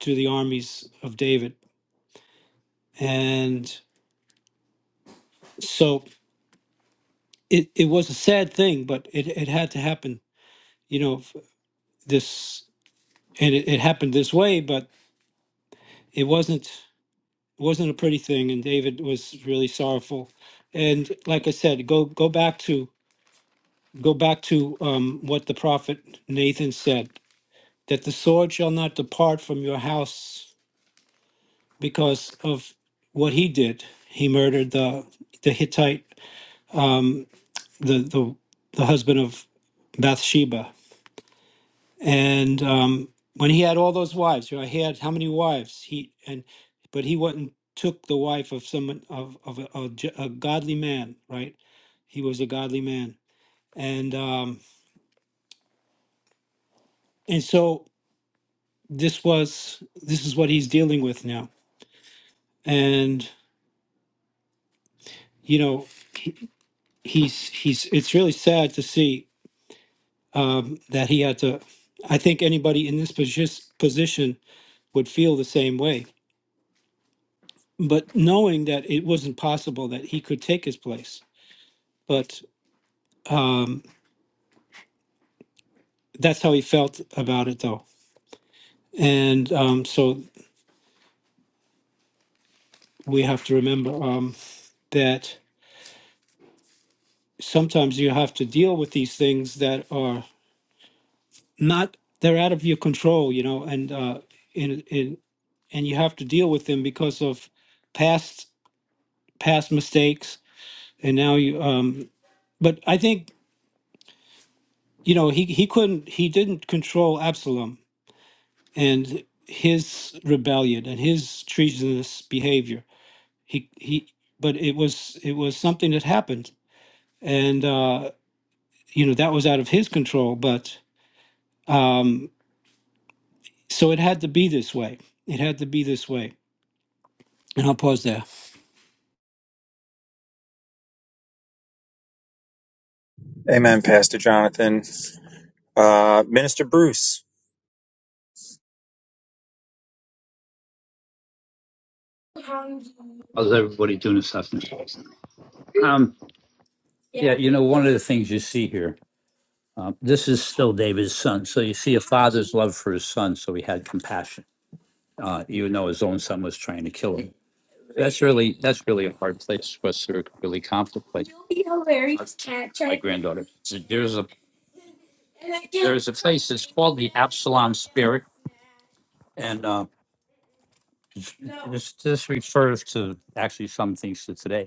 Speaker 7: to the armies of David. And so it, it was a sad thing, but it, it had to happen. You know, f- this and it, it happened this way, but it wasn't it wasn't a pretty thing and David was really sorrowful. And like I said, go go back to go back to um, what the prophet Nathan said. that the sword shall not depart from your house because of what he did. He murdered the the Hittite, the the, the husband of Bathsheba, and um, when he had all those wives, you know, he had how many wives? He and but he went and took the wife of someone of of a, a j- a godly man, right? He was a godly man, and um, and so this was this is what he's dealing with now, and you know. he's he's it's really sad to see um, that he had to i think anybody in this posi- position would feel the same way but knowing that it wasn't possible that he could take his place but um, that's how he felt about it though and um, so we have to remember um, that sometimes you have to deal with these things that are not they're out of your control you know and uh, in, in, and you have to deal with them because of past past mistakes and now you um but i think you know he he couldn't he didn't control absalom and his rebellion and his treasonous behavior he he but it was it was something that happened and uh you know that was out of his control but um so it had to be this way it had to be this way and i'll pause there
Speaker 1: Amen, Pastor Jonathan. Uh, Minister Bruce.
Speaker 8: How's everybody doing this afternoon? Um, yeah, you know, one of the things you see here, um, this is still David's son. So you see a father's love for his son. So he had compassion, uh, even though his own son was trying to kill him. That's really that's really a hard place for us to really contemplate. My granddaughter. So There's a there's a place It's called the Absalom Spirit, and uh, this this refers to actually some things to today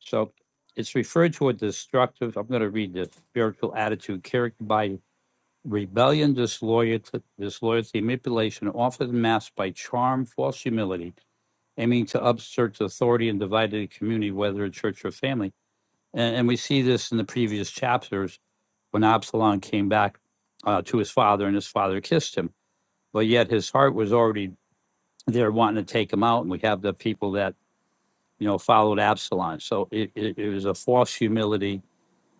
Speaker 8: So it's referred to a destructive, I'm going to read this, spiritual attitude characterized by rebellion, disloyalty, disloyalty, manipulation, often masked by charm, false humility, aiming to upsert authority and divide the community, whether in church or family. And, and we see this in the previous chapters when Absalom came back uh, to his father and his father kissed him. But yet his heart was already there wanting to take him out. And we have the people that, you know, followed Absalom. So it, it, it was a false humility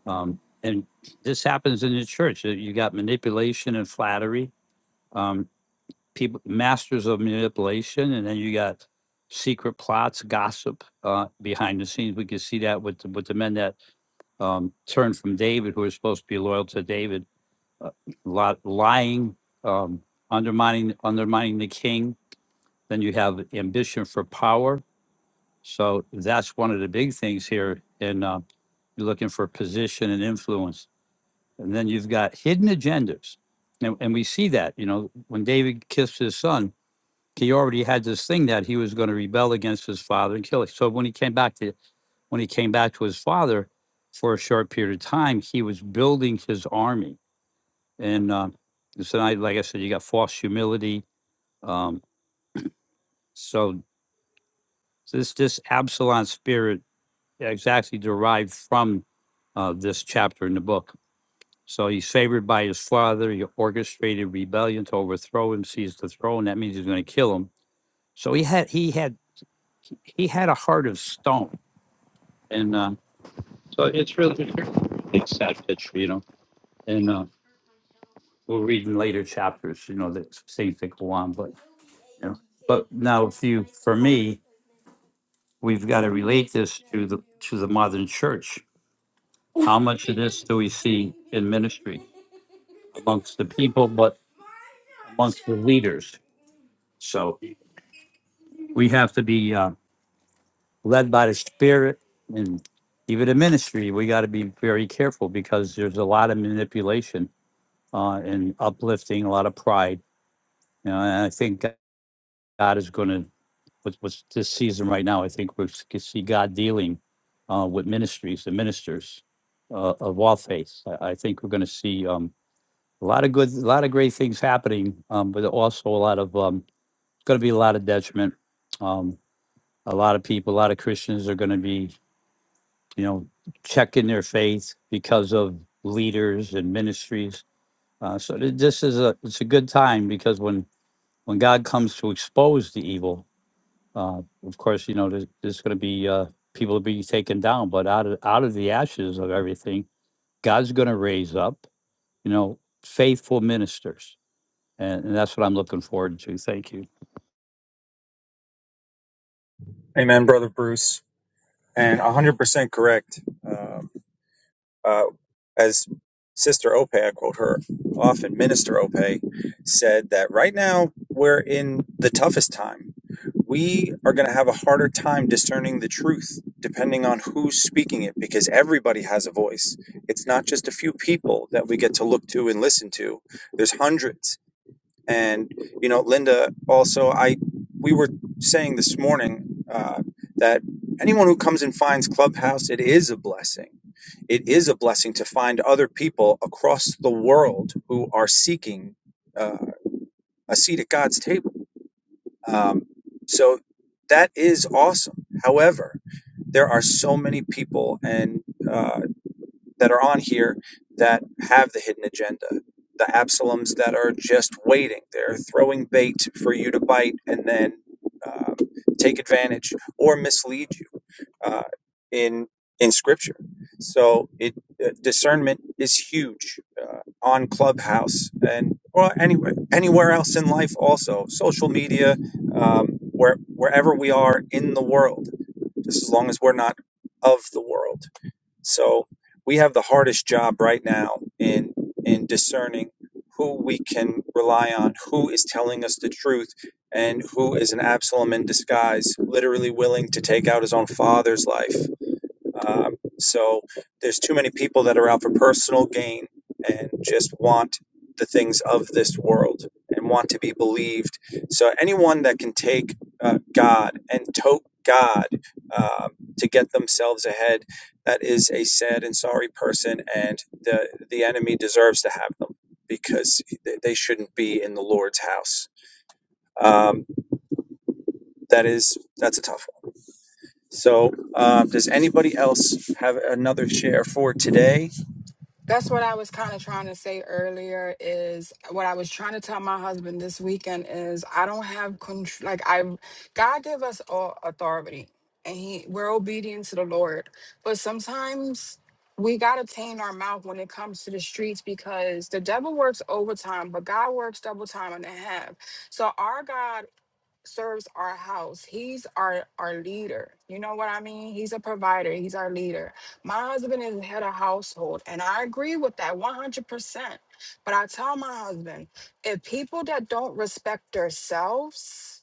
Speaker 8: Um, and this happens in the church. Uh, You got manipulation and flattery, um, people, masters of manipulation, and then you got secret plots, gossip uh, behind the scenes. We can see that with the, with the men that um, turned from David, who were supposed to be loyal to David, uh, lot, lying, um, undermining undermining the king. Then you have ambition for power. So that's one of the big things here. And uh, you're looking for position and influence And then you've got hidden agendas. And, and we see that, you know, when David kissed his son, he already had this thing that he was going to rebel against his father and kill him. So when he came back to when he came back to his father for a short period of time, he was building his army. And uh, so, I, like I said, you got false humility. Um, so this this Absalom spirit exactly derived from uh, this chapter in the book. So he's favored by his father. He orchestrated rebellion to overthrow him, seize the throne. That means he's going to kill him. So he had he had he had a heart of stone, and uh, so it's really it's really a sad picture, you know. And uh, we'll read in later chapters, you know, the things that go on. But you know, but now if you for me, we've got to relate this to the to the modern church How much of this do we see in ministry amongst the people, but amongst the leaders? So we have to be uh, led by the Spirit, and even in ministry, we got to be very careful because there's a lot of manipulation uh, and uplifting, a lot of pride. You know, and I think God is going to with what's this season right now, I think we can see God dealing uh, with ministries and ministers uh, of all faiths. I, I think we're going to see. Um, a lot of good, a lot of great things happening, um, but also a lot of um, going to be a lot of detriment. Um, a lot of people, a lot of Christians are going to be, you know, checking their faith because of leaders and ministries. Uh, so th- this is a it's a good time because when when God comes to expose the evil, uh, of course, you know, there's, there's going to be uh, people to be taken down, but out of out of the ashes of everything, God's going to raise up, you know, faithful ministers And, and that's what I'm looking forward to. Thank you.
Speaker 1: Amen, Brother Bruce. And 100% correct. Um, Uh, as Sister Ope, I quote her often, Minister Ope said that right now we're in the toughest time. We are going to have a harder time discerning the truth depending on who's speaking it because everybody has a voice. It's not just a few people that we get to look to and listen to, there's hundreds and you know, Linda, also, I we were saying this morning uh, that anyone who comes and finds Clubhouse, it is a blessing. It is a blessing to find other people across the world who are seeking uh, a seat at God's table. Um, so that is awesome. However, there are so many people and uh, that are on here that have the hidden agenda. The Absaloms that are just waiting. They're throwing bait for you to bite and then um, take advantage or mislead you uh, in in Scripture. So it uh, discernment is huge uh, on Clubhouse and well anywhere anywhere else in life also social media um, where wherever we are in the world just as long as we're not of the world so we have the hardest job right now in in discerning who we can rely on, who is telling us the truth, and who is an Absalom in disguise, literally willing to take out his own father's life. Um, so there's too many people that are out for personal gain and just want the things of this world and want to be believed. So anyone that can take uh, God and tote God um to get themselves ahead, that is a sad and sorry person, and the the enemy deserves to have them because they they shouldn't be in the Lord's house. Um, that is that's a tough one. So, um, does anybody else have another share for today?
Speaker 6: That's what I was kind of trying to say earlier is what I was trying to tell my husband this weekend is I don't have control like I God give us all authority and he we're obedient to the Lord. But sometimes we got to tame our mouth when it comes to the streets because the devil works overtime, but God works double time and a half. So our God serves our house. He's our our leader. You know what I mean? He's a provider. He's our leader. My husband is the head of household, and I agree with that 100%. But I tell my husband, if people that don't respect themselves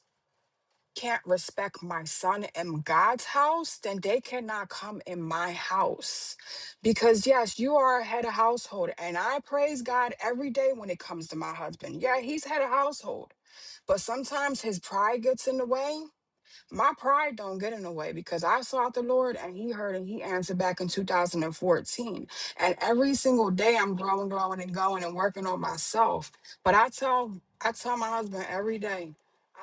Speaker 6: can't respect my son in God's house, then they cannot come in my house. Because yes, you are head of household, and I praise God every day when it comes to my husband. Yeah, he's head of household but sometimes his pride gets in the way my pride don't get in the way because I sought the Lord and He heard and He answered back in 2014. And every single day I'm growing, growing, and going and working on myself. But I tell I tell my husband every day,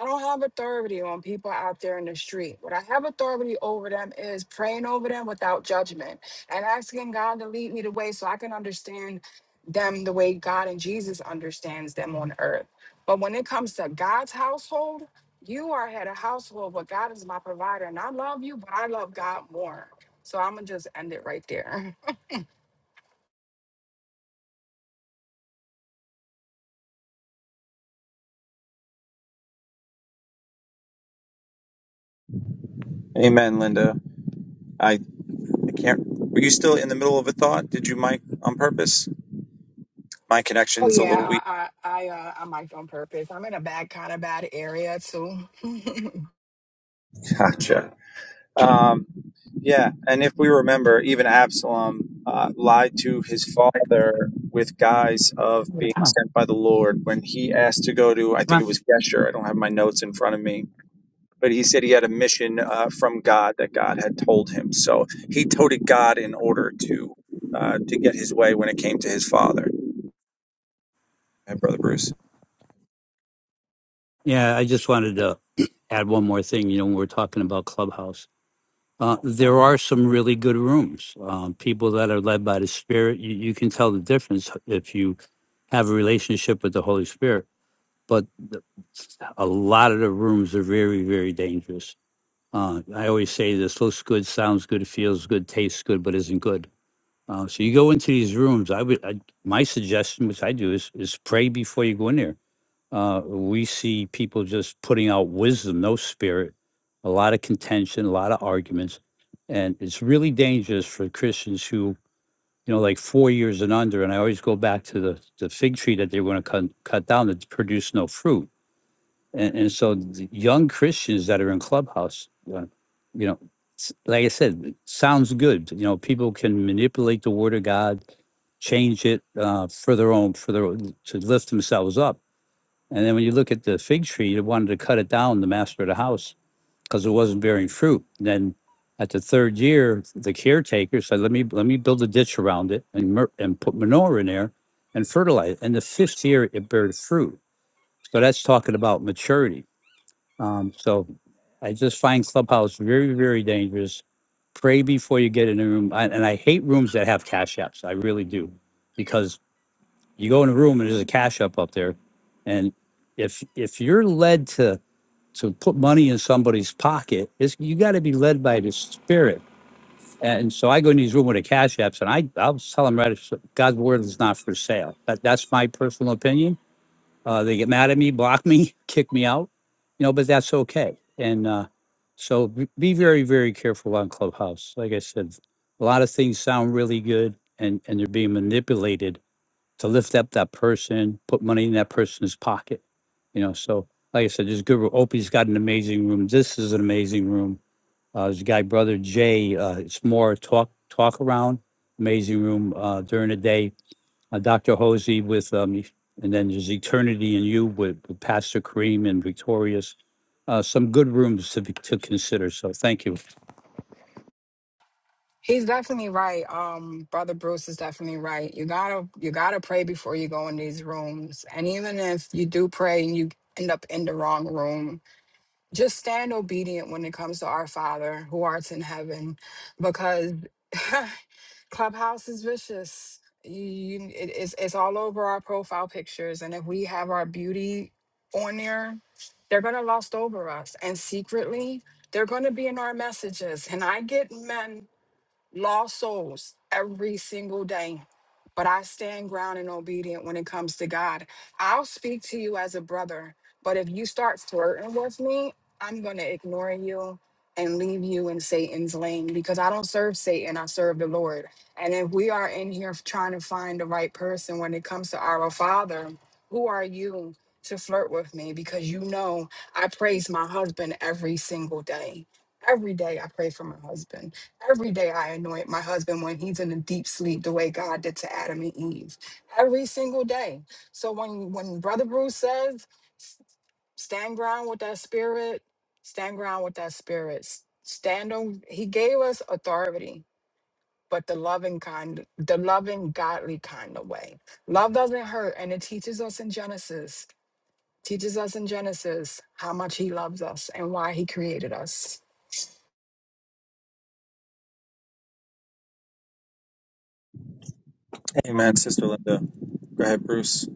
Speaker 6: I don't have authority on people out there in the street. What I have authority over them is praying over them without judgment and asking God to lead me the way so I can understand them the way God and Jesus understands them on earth. But when it comes to God's household, you are head of household, but God is my provider, and I love you, but I love God more. So I'm gonna just end it right there. [laughs]
Speaker 1: Amen, Linda. I, I can't. Were you still in the middle of a thought? Did you mic on purpose? My
Speaker 6: Oh
Speaker 1: connection's a
Speaker 6: yeah,
Speaker 1: little weak.
Speaker 6: I I I, uh, I might on purpose. I'm in a bad kind of bad area too. [laughs]
Speaker 1: Gotcha. Um, Yeah, and if we remember, even Absalom uh, lied to his father with guise of being sent by the Lord when he asked to go to, I
Speaker 8: Come
Speaker 1: think it
Speaker 8: on.
Speaker 1: was Geshur. I don't have my notes in front of me, but he said he had a mission uh, from God that God had told him. So he toted God in order to uh, to get his way when it came to his father. Hey, brother Bruce.
Speaker 8: Yeah, I just wanted to [clears throat] add one more thing. You know, when we're talking about Clubhouse, uh, there are some really good rooms. Um, people that are led by the Spirit, you, you can tell the difference if you have a relationship with the Holy Spirit. But the- a lot of the rooms are very, very dangerous. Uh, I always say this looks good, sounds good, feels good, tastes good, but isn't good. Uh, so you go into these rooms. I would, I, my suggestion, which I do, is is pray before you go in there Uh, we see people just putting out wisdom, no spirit, a lot of contention, a lot of arguments. And it's really dangerous for Christians who, you know, like four years and under. And I always go back to the, the fig tree that they were going to cut, cut down that produced no fruit. And, and so the young Christians that are in Clubhouse, uh, you know, s- like I said, it sounds good. You know, people can manipulate the word of God, change it uh, for their own, for their own- to lift themselves up. And then when you look at the fig tree, they wanted to cut it down, the master of the house, because it wasn't bearing fruit. And Then at the third year, the caretaker said, let me, let me build a ditch around it and, mer- and put manure in there and fertilize. And the fifth year, it bears fruit. So that's talking about maturity. Um, so I just find Clubhouse very, very dangerous. Pray before you get in a room. I, and I hate rooms that have cash apps. I really do. Because you go in a room and there's a cash up up there and if if you're led to to put money in somebody's pocket it's you got to be led by the spirit and so i go in these room with the cash apps and i i'll tell them right it's- god's word is not for sale that, that's my personal opinion uh, they get mad at me block me [laughs] kick me out you know but that's okay and uh, so be be very very careful on clubhouse like i said a lot of things sound really good and and they're being manipulated to lift up that person, put money in that person's pocket. You know, so like I said, this good room. Opie's got an amazing room. This is an amazing room. Uh, this guy, brother Jay, uh, it's more talk talk around. Amazing room uh, during the day. Uh, Dr. Hosey with um, and then there's Eternity and You with, with Pastor Kareem and Victorious. Uh, some good rooms to be, to consider. So thank you.
Speaker 6: He's definitely right. Um, brother Bruce is definitely right. You gotta you gotta pray before you go in these rooms, and even if you do pray and you end up in the wrong room, just stand obedient when it comes to our Father who art in heaven, because [laughs] Clubhouse is vicious. You, you- it- it's it's all over our profile pictures, and if we have our beauty on there, they're gonna lust over us, and secretly they're gonna be in our messages. And I get men lost souls every single day. But I stand ground and obedient when it comes to God. I'll speak to you as a brother, but if you start flirting with me, I'm going to ignore you and leave you in Satan's lane because I don't serve Satan, I serve the Lord. And if we are in here trying to find the right person when it comes to our Father, who are you to flirt with me? Because you know, I praise my husband every single day. Every day I pray for my husband. Every day I anoint my husband when he's in a deep sleep, the way God did to Adam and Eve. Every single day. So when when Brother Bruce says, "S- stand ground with that spirit, stand ground with that spirit. s- Stand on he gave us authority, but the loving kind, the loving, godly kind of way. Love doesn't hurt, and it teaches us in Genesis, teaches us in Genesis how much he loves us and why he created us.
Speaker 1: Amen, sister Linda. Go ahead, Bruce.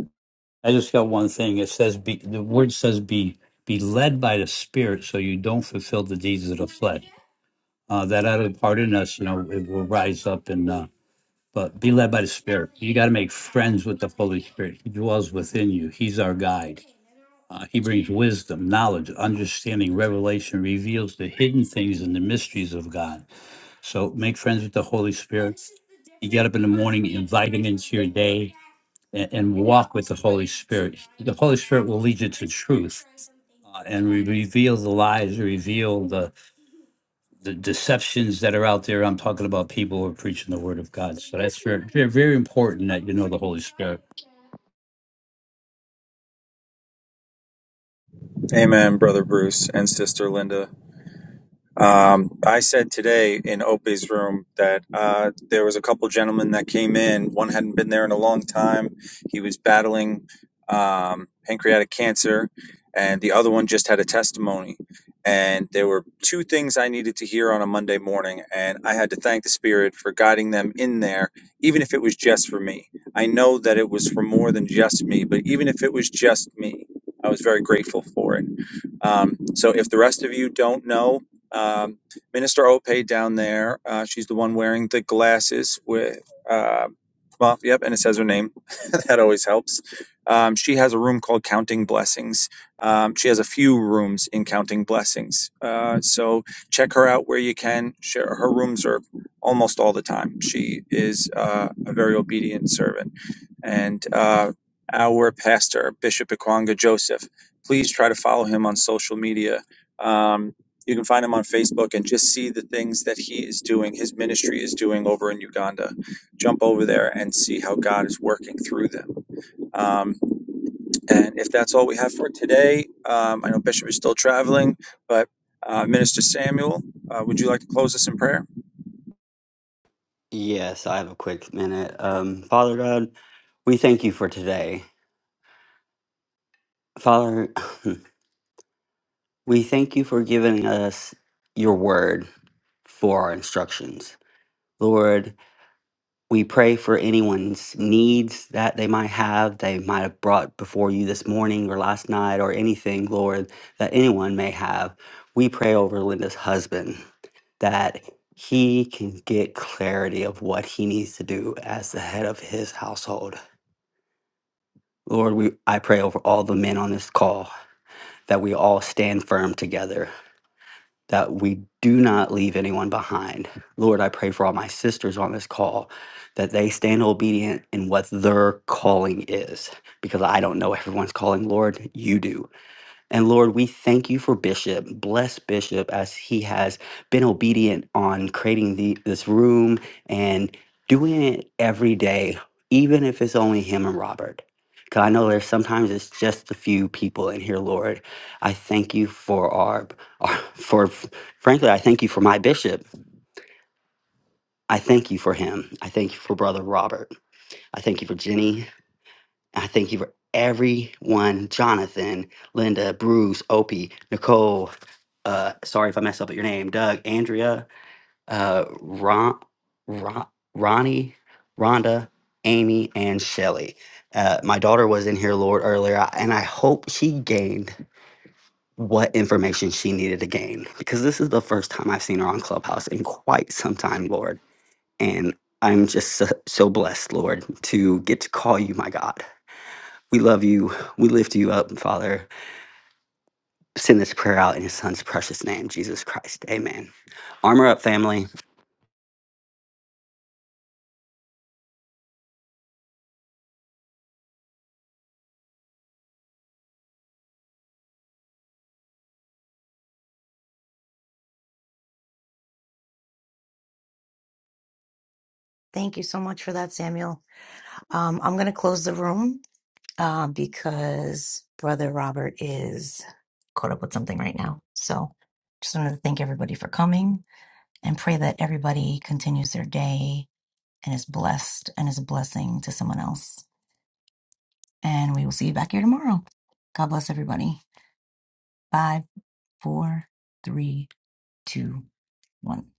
Speaker 8: I just got one thing. It says be the word says be be led by the Spirit, so you don't fulfill the deeds of the flesh. uh, that out of the part in us, you know, it will rise up and, uh, but be led by the Spirit. You got to make friends with the Holy Spirit. He dwells within you. He's our guide. Uh, he brings wisdom, knowledge, understanding, revelation, reveals the hidden things and the mysteries of God. So make friends with the Holy Spirit. You get up in the morning, invite him into your day, and, and walk with the Holy Spirit. The Holy Spirit will lead you to truth uh, and re- reveal the lies, reveal the the deceptions that are out there. I'm talking about people who are preaching the word of God. So that's very, very, very important that you know the Holy Spirit.
Speaker 1: Amen, brother Bruce and sister Linda. Um, I said today in Opie's room that uh, there was a couple gentlemen that came in. One hadn't been there in a long time. He was battling um, pancreatic cancer, and the other one just had a testimony. And there were two things I needed to hear on a Monday morning, and I had to thank the Spirit for guiding them in there, even if it was just for me. I know that it was for more than just me, but even if it was just me, I was very grateful for it. Um, so if the rest of you don't know, um, Minister Ope down there. Uh, she's the one wearing the glasses with, uh, well, yep, and it says her name. [laughs] that always helps. Um, she has a room called Counting Blessings. Um, she has a few rooms in Counting Blessings. Uh, so check her out where you can. Share her rooms are almost all the time. She is uh, a very obedient servant and uh, our pastor, Bishop Ikwanga Joseph. Please try to follow him on social media. Um, you can find him on Facebook and just see the things that he is doing, his ministry is doing over in Uganda. Jump over there and see how God is working through them. Um, and if that's all we have for today, um, I know Bishop is still traveling, but uh, Minister Samuel, uh, would you like to close us in prayer?
Speaker 3: Yes, I have a quick minute. Um, Father God, we thank you for today. Father, [laughs] we thank you for giving us your word for our instructions. Lord, We pray for anyone's needs that they might have, they might have brought before you this morning or last night or anything, Lord, that anyone may have. We pray over Linda's husband that he can get clarity of what he needs to do as the head of his household. Lord, we I pray over all the men on this call that we all stand firm together that we do not leave anyone behind. Lord, I pray for all my sisters on this call that they stand obedient in what their calling is because I don't know everyone's calling. Lord, you do. And Lord, we thank you for Bishop. Bless Bishop as he has been obedient on creating the, this room and doing it every day, even if it's only him and Robert. Because I know there's sometimes it's just a few people in here, Lord. I thank you for our, our, for, frankly, I thank you for my bishop. I thank you for him. I thank you for Brother Robert. I thank you for Jenny. I thank you for everyone Jonathan, Linda, Bruce, Opie, Nicole. Uh, sorry if I mess up at your name. Doug, Andrea, uh, Ron, Ron, Ronnie, Rhonda, Amy, and Shelly. Uh, my daughter was in here, Lord, earlier, I- and I hope she gained what information she needed to gain because this is the first time I've seen her on Clubhouse in quite some time, Lord. And I'm just so, so blessed, Lord, to get to call you my God. We love you. We lift you up, Father. Send this prayer out in His Son's precious name, Jesus Christ. Amen. Armor up, family.
Speaker 4: Thank you so much for that, Samuel. Um, I'm going to close the room uh, because Brother Robert is caught up with something right now. So just wanted to thank everybody for coming and pray that everybody continues their day and is blessed and is a blessing to someone else. And we will see you back here tomorrow. God bless everybody. Bye. Four, three, two, one.